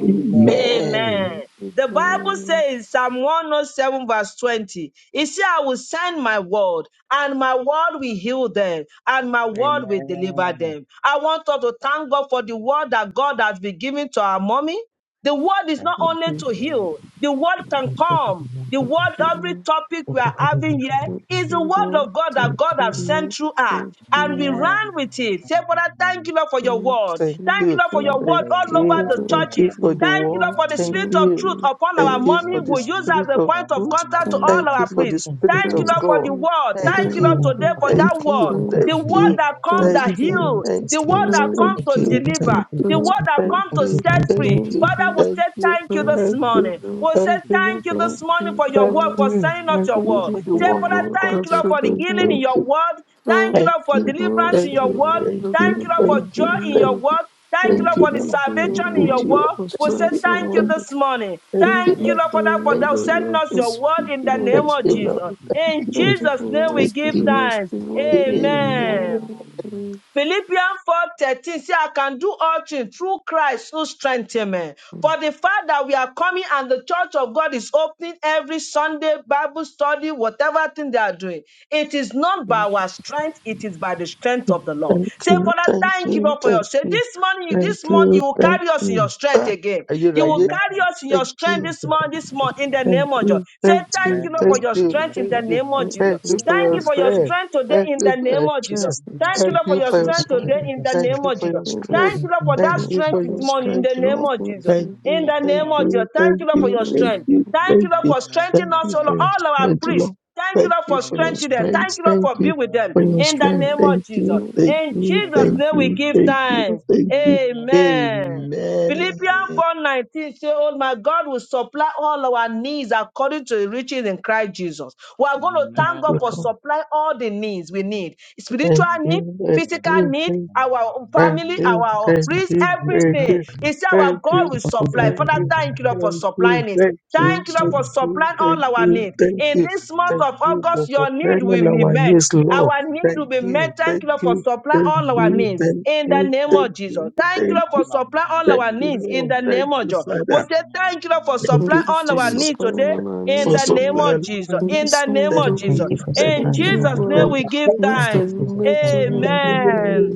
Amen. Amen. Amen. The Bible Amen. says, Psalm 107, verse 20, it says, I will send my word, and my word will heal them, and my word will deliver Amen. them. I want us to thank God for the word that God has been giving to our mommy. The word is Thank not you, Thank only you. to Jesus. heal, the word can Thank you for the come. life The of my word, family. every topic we Thank are you for the having life of here my Thank is the family. you, word Lord. of God that Thank Thank you God you, has for sent Lord. through us. Thank And we you, Amen. ran with it. Say, Father, thank you, Lord, for your Lord. word. Thank Thank you. Thank Thank you, you. Lord, for your Thank you word for Thank your all love, over you. the Lord. Thank Thank you churches. you. for the Thank you, Lord, word. for the Thank spirit Amen. Thank of you. truth upon Thank our you. you mommy. for the We use as Amen. spirit a of point of Amen. truth. contact to Amen. Thank all Thank you our thank for you. the priests. Thank you, spirit Thank you, of Thank you. Thank you. Lord, Jesus. for God. the word. Thank you. Thank you. Thank you. Thank you. Thank Thank Thank you Thank you. you, for Lord, you. Thank love of today you. my for Thank Thank that you, life. word. you. Thank Jesus. Thank you Thank The for the you. word you. life. that Amen. comes Thank Thank you to for you. all heal, its Thank the word you. Thank testimonies. that you for Thank the comes Thank you to for you. love, these are Lord. Thank deliver, the improvements. word that thank comes Thank Thank to you you, you. for set these Thank free. Jesus. you. announcements. Father, we Thank say you. Thank thank you you for Thank this your Thank you. you. love. morning. We Thank say Thank you, you. Lord. thank you this Jesus. Amen. morning for your Thank word, Lord. for you. sending out Thank your Thank you word. you for the for Say, word Father, of your God. thank you, Lord, Thank wonderful for the you. healing in Thank goodness. your you. word. Thank you, Thank Thank Lord, for you, you. Thank you for Lord, deliverance in that. Thank for your your you. word. Thank you. Thank wonderful you, Lord, Thank for you. joy Thank you in for Thank your deliverance. you. word. Thank you, Thank Thank Lord, you, for the Lord. Amen. you for Thank your salvation in you, your Jehovah. word. wonderful We Thank say you. strength Amen. and thank you Thank, wonders. this morning. thank Thank you, Thank Thank you, Lord. you you, Lord, for for your that, Jesus. for Thank that Amen. wonder you. send love us and your word in Thank speaking the on Thank name this of you, part. Jesus. Lord. you, In Thank Jesus. you. Thank you Jesus' for Amen. name we Thank always give you. giving us thanks. the word. Amen. Amen. Amen. Philippians 4:13. 13 says, I can do all things through Christ who strengthens me. For the fact that we are coming and the church of God is opening every Sunday, Bible study, whatever thing they are doing, it is not by Thank our strength, it is by the strength of the Lord. Thank Say, you. Father, Thank thank you, you. Lord, for your Thank strength. you. This morning, Thank this month, you. you will Thank carry us in you. your strength Ah, again. are you You will ready? Amen. carry us in your Thank strength you. thank this you for the month, this strength. month, in the Thank name of Jesus. you, Say, thank thank you, Amen. you, Lord, for thank your you, strength Thank in you thank the you Amen. you, name of Thank you. for the thank Jesus. you Yes, strength. for Thank your you Thank for Thank your strength. you. strength today Thank in you the for your name of Jesus. strength. Jesus, thank you for the Thank you, Thank strength. Lord, for you Amen. your for your you. strength Thank you strength. today for in the the Thank strength. name you of for Jesus. your Thank strength. Thank you you, Lord, for the for Thank that Thank strength. Thank you. you, you for strength this your Jesus. Thank morning in you, strength, the Jesus. name Lord. Thank of you, Thank Jesus. Jesus. Thank In you, the thank name of Amen. you, Jesus. Thank thank you, Lord, for you, your you. thank strength. you, Thank you, thank Lord, you. for strengthening Thank us, you O for Lord, Amen. your all our strength, priests. Lord. Thank you, Thank Lord, you for for Thank your you, strengthening them. Jesus. Thank strength. you, Lord, Thank for you being with Amen. them. for your Thank In Thank the strength. name Thank of Jesus. you, you. thank In you, Jesus' thank you, name we you, give thank you, thanks. thank you. Jesus. Amen. Amen. Philippians Thank 4:19 say, Oh, my God will supply all our needs according to the riches in Christ Jesus. We are going to Amen. thank God for Amen. supplying all the needs we need. Spiritual Thank you, need, you, thank Jesus. physical you, thank you. need, Hallelujah. our Thank family, you, our thank priest, you, Thank you for thank the everything. you, strength. He said, Our thank Thank God you, you will for supply. thank providing an Father, you, thank you Lord, environment thank for you, supplying it. thank safe you, Thank you Lord, Thank to thank for you, Jesus. you, supplying thank all our you, Hallelujah. needs. Thank thank you, In you, Jesus. this month thank Hallelujah. of you for August, your need will fulfilling be our met. needs, Lord. Our need Thank will be you, met. Thank thank you, Lord, for you, supply thank all manage our you, in. needs. thank In the you, name Thank thank of you, you, Jesus. Jesus. Thank you, Hallelujah. thank Lord, for you, supply Hallelujah. Amen. Thank all thank our you you, needs. In Lord. the Thank name of you, Jesus. we Father. say thank you, Lord, for Thank supply Thank you, you for all our Jesus, needs supplying today. on our In for the needs, O name Lord. of supplying our Jesus. in In Jesus. needs. the this Amen. name And Thank I of moment, thank Jesus. you you, for thank In you, Thank surprising you our Jesus' for youth name thank all we give you. things and the that thanks. you Amen. Jesus made to and men. know. Amen Amen.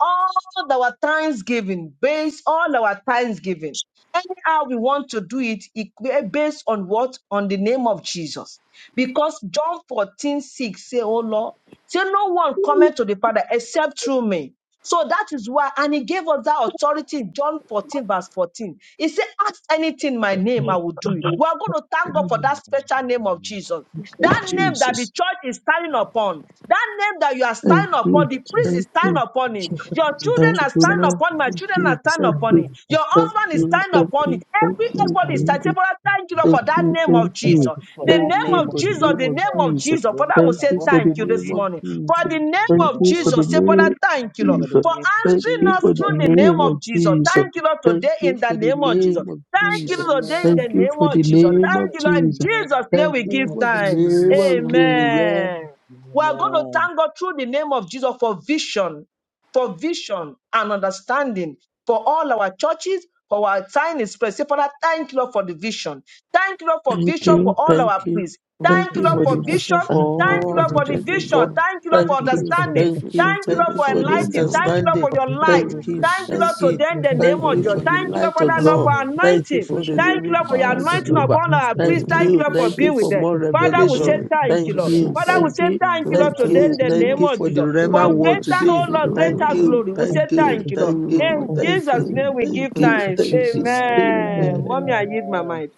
all our thanksgiving, based all our thanksgiving, anyhow we want to do it, it based on what? On the name of Jesus. Because John 14 6 say, Oh Lord, say no one cometh to the Father except through me. So that is why, and he gave us that authority in John 14, verse 14. He said, Ask anything in my name, I will do it. We Thank are going to thank God for you. that special name of Amen. Jesus. you, That name that the Jesus. church is standing upon. That name that you are standing Thank stand Thank upon. you, The you. priest is thank stand you, upon Thank it. you for the Your name of children thank are you, Jesus and stand the Lord. upon. it. My Thank children church are you, for stand thank standing upon you, it. and for Your thank husband is thank you, stand you thank for upon it. you, thank Every just you, how everybody is thank we standing. you, Father, thank thank you you. Lord, thank for that you, name thank of Thank you. Thank Jesus. you you for for The that Thank name you the name of of for the Jesus. name Jesus. name The of name of Jesus. Jesus. The Father, we name Thank say you above for the thank you all name this names. of morning for Jesus. the Thank name Thank of you for you. the Jesus. Say, Father, name of Thank thank you you Lord for the Jesus. for name of Thank answering you Jesus. us for for the through the name name of of Jesus. Jesus. your Thank you Lord Thank today you in the for the name of Jesus. name constituted of love. Thank Jesus. you Lord today in Jesus. Thank the Amen. you name for of the Jesus. Thank name you of Thank for you the Lord in Jesus. name Jesus' name. Thank We Jesus. give you Thank for the you, thanks. name Jesus. of Amen. Amen. Thank Jesus. Amen. you We are going to thank God through the name of Jesus for vision, for vision and understanding for all our churches, for our time is present. Father, thank you, Lord, for the vision. Thank you, Lord, for Thank vision for for you, the all our thank blessing. you, priests. Thank thank Thank you, of you, you your Lord, for the for Amen. vision. Jesus. vision vision. for And I thank Thank you for Thank you Thank the you, you for all Lord, the for for name the the vision. church of vision. God. vision. Thank you, Lord, We for pray Thank Thank this you you, for for the understanding. thank vision. you, vision. Thank you, thank Thank Lord, you you for for for We the thank you enlightening. for understanding. Thank you, the Lord, help understanding. for of your I vision. Thank light. really of you, Thank you, thank Lord, appreciate We to you, you. Jesus. them in pray the this thank name for I of you Jesus. vision. for Thank really the Thank you, you, Lord, light of Father, Jesus. Lord, appreciate I Lord, God. for you. am Amen. grateful Thank you for anointing. I for the vision. really Thank you, living Lord, for your Thank power, you appreciate for anointing you. the Jehovah. upon news our of I the Thank priest. really Lord. Thank you, you, Lord, for thank you being with appreciate for Thank them. you. more you for the Father, I we revelation. say really mountain of Thank thank Thank you, you Lord. for you, Father, the appreciate we you. Lord. thank say you, acknowledging thank I your you, really Lord, thank to thank them you, the love. you, Jesus. thank name Lord. you of for Thank Jesus. the you, For Rema Thank Jesus. Heaven word you was for greater, today. Thank oh seeking you, Lord, your Thank Jesus. greater woman. you, glory. We thank Thank say you, You you, are thank you, Jesus. Lord. thank you, doing In Thank my you, thank Jesus' Jesus. you, name friend. we give thank Thank you, Thank you, you, thanks. thank Jesus. you. your Jesus. love. Thank Amen. you, Mommy, Amen. I yield my Amen. mind.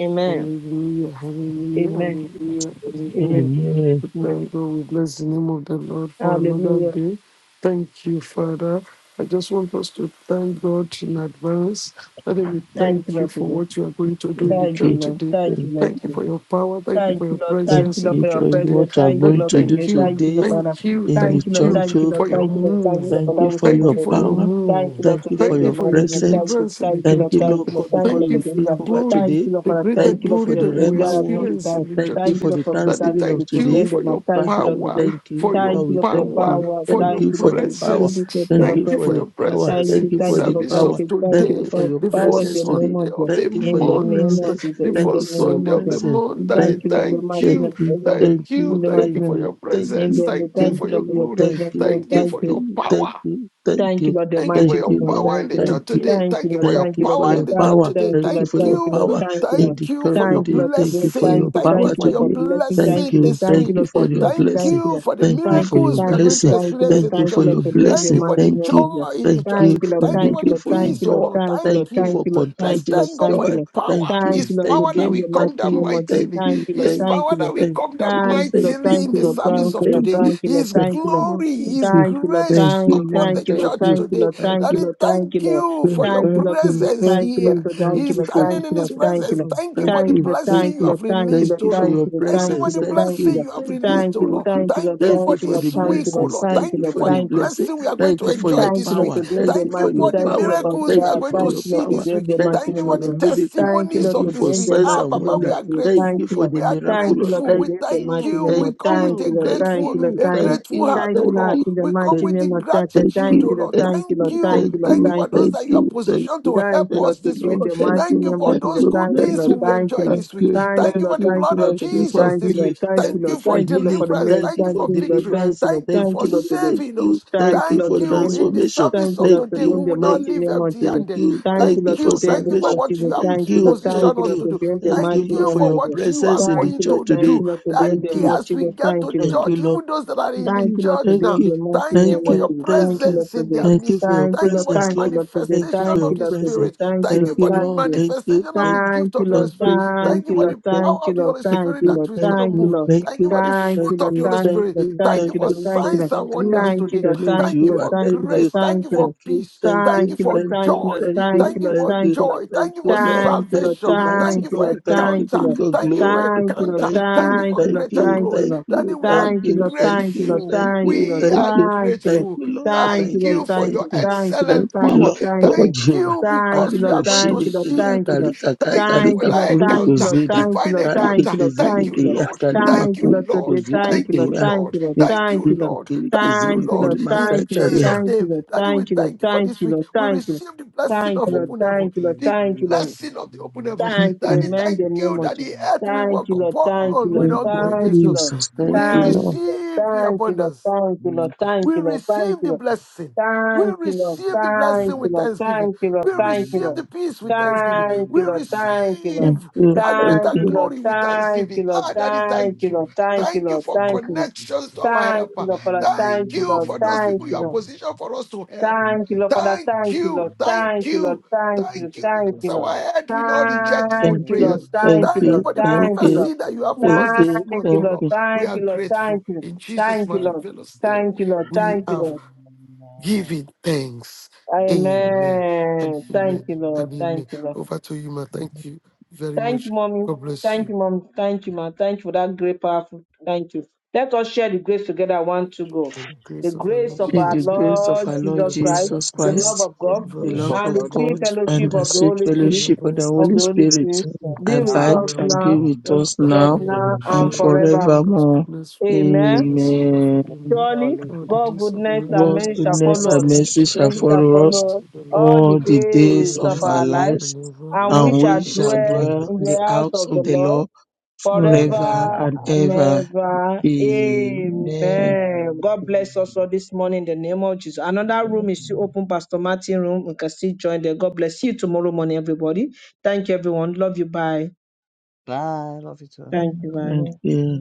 Amen. Hallelujah, hallelujah, Amen. hallelujah, hallelujah. Amen. Amen. We Amen. thank God, we bless the name of the Lord for another Hallelujah. day. Thank you, Father. I just want us to thank God in advance. Father, we Thank you, thank you Lord, for today. what you are going to do Thank in the Thank you, church you. Lord. today. Thank you, Thank Thank you you. Lord. for your power. Thank you Thank for you, your Lord. Thank Thank you, presence Lord, in the you for your church for today. presence. what you are Thank you, going Daddy, Lord, to do thank today. you, Thank you, Lord, today Father. thank you, in the thank Thank you, Lord. you church, Thank you, oh Lord. for your Thank you, God. Lord. Thank you, move. Lord, for Thank that you which for you're Thank going your you to for do. your power. Thank you, move. Lord, Thank you today. for Thank The you your for your mighty Lord. presence. Thank you, deliverance in the thank you, Thank church Lord. you, Thank today. Lord you, Lord. God, Thank you, because Thank Lord, you you will for for take your deliverance. over glory, Thank today. you, Lord, the Father. greater Thank Thank you, you Lord, for glory for your the that grace. we You Rema word. glory. experience Thank in the Thank church you Thank you, today. for Lord, the for Daddy, greater thanksgiving of glory thank you today. today. The for your mighty Thank you, Father, Lord, we power, today. thank you. for Thank your Lord, you, we Lord, for your thank power, you. power. for Thank your Thank you you, for Lord, the for the power. presence. tremendous of Thank your you Thank you for for the presence. your power. Thank presence Thank you, in you the for thank you, the Lord. service Thank power. of you, thank Thank you, you today, for Lord. your the Power in first presence the name today. Sunday of Jesus. of the Thank you for In the your name month, of presence. Jesus. the In Thank the you first for your name Sunday of of Jesus the presence. month. Daddy, thank Thank you Lord, in you. the thank mighty Thank you. name, you. in Thank Thank the, you. in you. the Thank mighty you Thank for name. your you. Thank In presence. the you. name, Thank you thank Thank you for your Lord, for you. your glory. Thank presence, you. Lord. Thank you Thank Thank for you. your you. Thank power. you. Thank Thank you. you, Lord, the Thank you Thank for mighty your you, name of Lord. power in thank you, the Lord. Thank church you. today. Thank you, Thank you Lord. for Thank your Thank you, you Lord. for power in Thank your you, the church Lord. power. today. Thank Thank you, you Lord. for Thank your you. power Thank you, in Lord. the Thank you church for your Thank you, today. Lord, for Thank you great. for blessing. Thank your you. Thank you power Thank you, for Lord, your for today. blessing. Thank Thank blessing you, Lord. you. this Thank Thank you, you Lord, week. for for your blessing. Thank Thank blessing. you, you Lord. for the Thank you Thank for you, your miracles we are thank you, going blessing. to thank you, experience Lord. Thank in the you Thank for you, church. Lord, your for being the Thank you blessing. for mighty the Thank name you. of God. joy in the Thank church you. Thank you, today. Lord. for- Thank you Thank Thank for you, you the Lord. for the Thank peace, you, oh Lord. joy. Lord. Thank you, Thank Lord. Thank you you. Thank for you, Lord. Let's Thank you, Lord. thank contagious God Thank for you, joy. the Lord. Thank power. Thank you. you, His Lord, for Thank power that being you. we the Thank mighty come down you. name of God. Thank mightily. Thank you. you, Lord. His Thank Thank power you, that Lord. we thank come you down today. Thank you, Thank Lord. you. mightily in Thank you, the Lord. Thank you. Thank service you, of Lord. Thank today. you. Thank you, Lord. His Thank Thank you, glory you. Lord. Lord. glory, Thank His you. Thank you, Lord. Thank grace you, Thank, upon Lord. the thank you, Thank Lord. church you. Thank you, today. Lord. Thank you. Thank you, Daddy, Lord. Thank you, thank Lord. you for Thank your Thank you, you, Lord. Today, presence thank thank you, Lord. you, here. Today, thank Thank you, He's you Lord. for the standing Thank in you, His Lord. kingdom of Thank you, presence. Lord. God. Thank you Thank for the Thank you, you, Lord. thank blessing Thank you you, you, Lord. have Thank you, thank released, Lord. you O for Lord. Thank your you, Lord. Thank you Thank for you, presence. the Lord. Thank Thank you, blessing you, Lord. you have thank you, released, O Thank you, thank Lord. you, thank you, Lord. Thank you thank for you Thank you, for Lord. the this Thank week, you, O Lord. blessings. Lord. Thank Thank you, you Thank you Lord. for for the the Thank you, Lord. blessing. blessing we are going Thank to thank you for you the for business. enjoy your Thank you, this Lord, week. power. today, Thank the you Thank you for mighty. for your the Thank power. you, Lord, for miracles we Thank are you prayer. going for to Thank your you, Lord, see power. this today, week. the Thank mighty Thank you you name for for of the your Jesus. miracle. Thank you, testimonies Thank Lord, you of for this today, the week. signs Ah, mighty and Baba, name we wonder. of are Jesus. Thank grateful. Thank you you, for Lord. the We are Thank you, miraculous. Lord, grateful. Thank We today, the thank you, mighty you. name We of thank come with Thank a you, you, Lord. thank Thank grateful, you, Lord. you, a Thank you. thank grateful you, heart, Thank oh you, thank you, Lord, Lord. to the We come mighty thank with the name of you, Jesus. thank you, gratitude, Thank oh you, Lord. Lord. Thank Thank you, Thank Lord. you, you. Thank thank you, Lord. Thank you you, Thank for you, Lord. those thank that you are you, thank positioned you, to Thank help you, thank Lord, us you, this today in week. Lord. the Thank mighty Thank name you you, for of thank Jesus. those you, good Thank you, thank things Lord. you, we Thank you, enjoy Lord. thank this week. you, Thank Thank you, you thank Lord. for the you, Thank you, blood of Lord, thank you today. for Jesus Thank you, this Lord. healing. week. Thank you, Thank Thank you Lord. you for for Thank you, Lord, healing. for the deliverance. Thank men. Thank you you Thank for for you, Lord. victory. Thank deliverance. you, Lord. Thank you Thank Thank for you, you, Lord, today. thank saving you, us. thank Thank you, you Thank Lord, for you. In today. the transformation. service Thank you, of Lord, Thank today, today in we you, the will not thank mighty leave name of empty Jesus. thank handed. you, Thank thank you, Thank you Lord, for you. today in Thank the you for salvation. mighty what you name. have Thank Thank you, you, Lord. Thank thank positioned you, us Lord, you, to do. today in the thank Thank you, mighty Lord, you name for for your of Jesus. what you are presence in the Thank going you, church Lord. to Thank today. do. you, Lord, today in That Thank the day, you, as mighty we name. get Thank to you, Lord. thank you, church, Lord. even those that are Thank in the Thank you, you, Lord, church today. thank now, you, The mighty thank thank you name for of you, your Jesus. thank Thank you, you, Lord, presence in today. their thank you midst. for your Thank you, Thank you Lord. for the presence, Thank you, Lord. Lord, today. Thank you manifestation for Thank of your you, the Lord, today. presence. Spirit. Thank you, Thank Thank you Lord. you, for the Thank Lord. you. Thank you, manifestation of thank the you, Thank gift you, of the Holy Lord. thank Spirit. you, thank Thank Thank you you, for Lord. the you, power Thank you, of the Lord. Holy Thank Thank Spirit you, you, that Lord. is thank going to Thank you, move. you, Lord. thank Thank you you, for the Thank thank you, fruit Lord. of the you, Holy Thank thank you, Spirit. Lord. you, Thank Thank thank you you, for Lord. you, Thank thank you, signs Lord. you. and Glory wonders Thank be to you, today. your Lord. name, Thank Thank you, you Lord. Jehovah. for Thank Thank you, Lord. you, grace. Thank you Thank you, Lord. Thank you, Lord. thank for you, peace. thank Thank Thank you you, you, for Lord. thank you, joy. thank you, Thank you thank for Thank you, joy. thank Thank you you, for Lord. Thank salvation. you, Thank mighty Thank you for you you, God. for Lord. Thank this. you, Thank you, encounter. King Lord. of Thank Thank you you for glory. for Thank you, that. Lord. encounter. Thank Thank you, you Thank for you, thank Lord. greater you, Thank you, glory. thank Lord. Daddy, you, we are thank Thank you, you, Lord. thank Thank you, you, Lord. grateful. thank Thank you, you, Lord. We thank are you, Thank you, Lord. thank grateful. you, Lord. Thank you, Thank Thank Lord. you you, for Thank thank your you, you. thank you, Lord. Thank excellent you, Thank power. you, Lord thank God, you. Thank Jehovah. you Thank you, because we Lord. are going to Thank Aribashiri, you, Lord. see you Thank you, today. Kiriakari, Lord. Kakai, Thank you Kari, for Thank you, Lord. that Kakuri, Thank you, encounter Lord. Uzida. Thank you, divine Lord. Karike Thank encounter. you, Lord. Thank Thank you, you, Lord. zirikeya Lord. kari Thank Thank you, you, Lord. makutu Lord. Today, thank Thank you, you, Lord. kuzirikeya Thank Lord. you, Lord. Thank Thank you, you, Lord. Lord. kirike Thank you, Thank you, Lord. Lord. In Thank you, Lord. Jesus' Thank you, name, Lord. Daddy, we Thank you, thank you for Lord. Thank this you, week. Lord. We Thank you, Lord. receive the Thank blessing you, of Thank Lord. you. open heaven. Thank Thank you, you. Lord. The Thank Thank you, Lord. blessing of the open you. heavens. Daddy, Thank thank you that the earth we walk upon will not you, go against us. Jesus. Thank We you, Lord. receive the abundance. We receive the blessing. We receive the blessing with thanksgiving. We receive the peace with thanksgiving. We Thank receive you, that thank greater you, glory with thanksgiving. Ah, Daddy, thank you. Thank you for connections to our helper. Thank you for those people you have positioned for us to help. Thank you, Lord Father. Thank Thank you, you. Lord. Thank Thank you, Lord. you. Thank Thank you, Thank you thank because you, Lord. our head will not reject Thank good thank you, you, Lord. prayers. Thank thank you, Thank you you, Lord. for the thank Thank you, you, Lord. prophecy that you have for thank us you, this Thank month, O you, thank Lord. Lord. you. We Thank are you, Lord. Thank grateful. you. In Jesus' Thank you, Lord. marvelous name, Thank you, Lord. we Thank you, have Lord. given thanks. you, Thank Amen and Amen. Thank amen you, Lord. Jesus. and amen. Thank you, Lord. Over to you, ma. Thank you very Thank much. you, mommy. God bless Thank you. you, mom. Thank you, ma. Thank you for that great, powerful. Thank you. Let us share the grace together. One, two, go. and the The grace of our grace Lord of May our the Jesus Lift grace up Christ, of Lord our our Lord the Lord Jesus Jesus. love Jesus Christ, of Jesus the Christ, God, love Christ, of God, the the the you. love love of fellowship and of the of God, the free God, Holy and fellowship the of the the Spirit, sweet church Holy be of and the Spirit, fellowship of the abide Holy Spirit, of with Holy the us Holy now Spirit Spirit, with us Amen. be and with now us abide and forevermore. be now, Amen. with Amen. us with us now and forevermore. Amen. now Amen. and and Amen. Surely forever. God's forevermore. goodness Amen. and mercy shall Amen. Amen. follow me Surely, Holy all the King, God's days of my goodness goodness, and God's life, goodness, mercy and shall goodness follow mercy and us. and I shall mercy shall follow shall us Many dwell shall in follow the us all house follow us of the all Lord the the all days the days days of of forever our our life, lives, and ever that we and we shall and and do shall in we ever. the Amen. shall dwell house Amen. of dwell in in the the the house house of the of the Lord Lord Lord forever. forever Amen. and forever and Amen. and ever. ever. ever. Amen. Amen. God bless us all Amen. this morning in the name of Jesus. Another Thank room is you. still open, Pastor Martin room. We can still join there. God bless you tomorrow morning, everybody. Thank you, everyone. Love you. Bye. Bye. Love you too. Thank you. Bye. Thank Amen. Amen. you.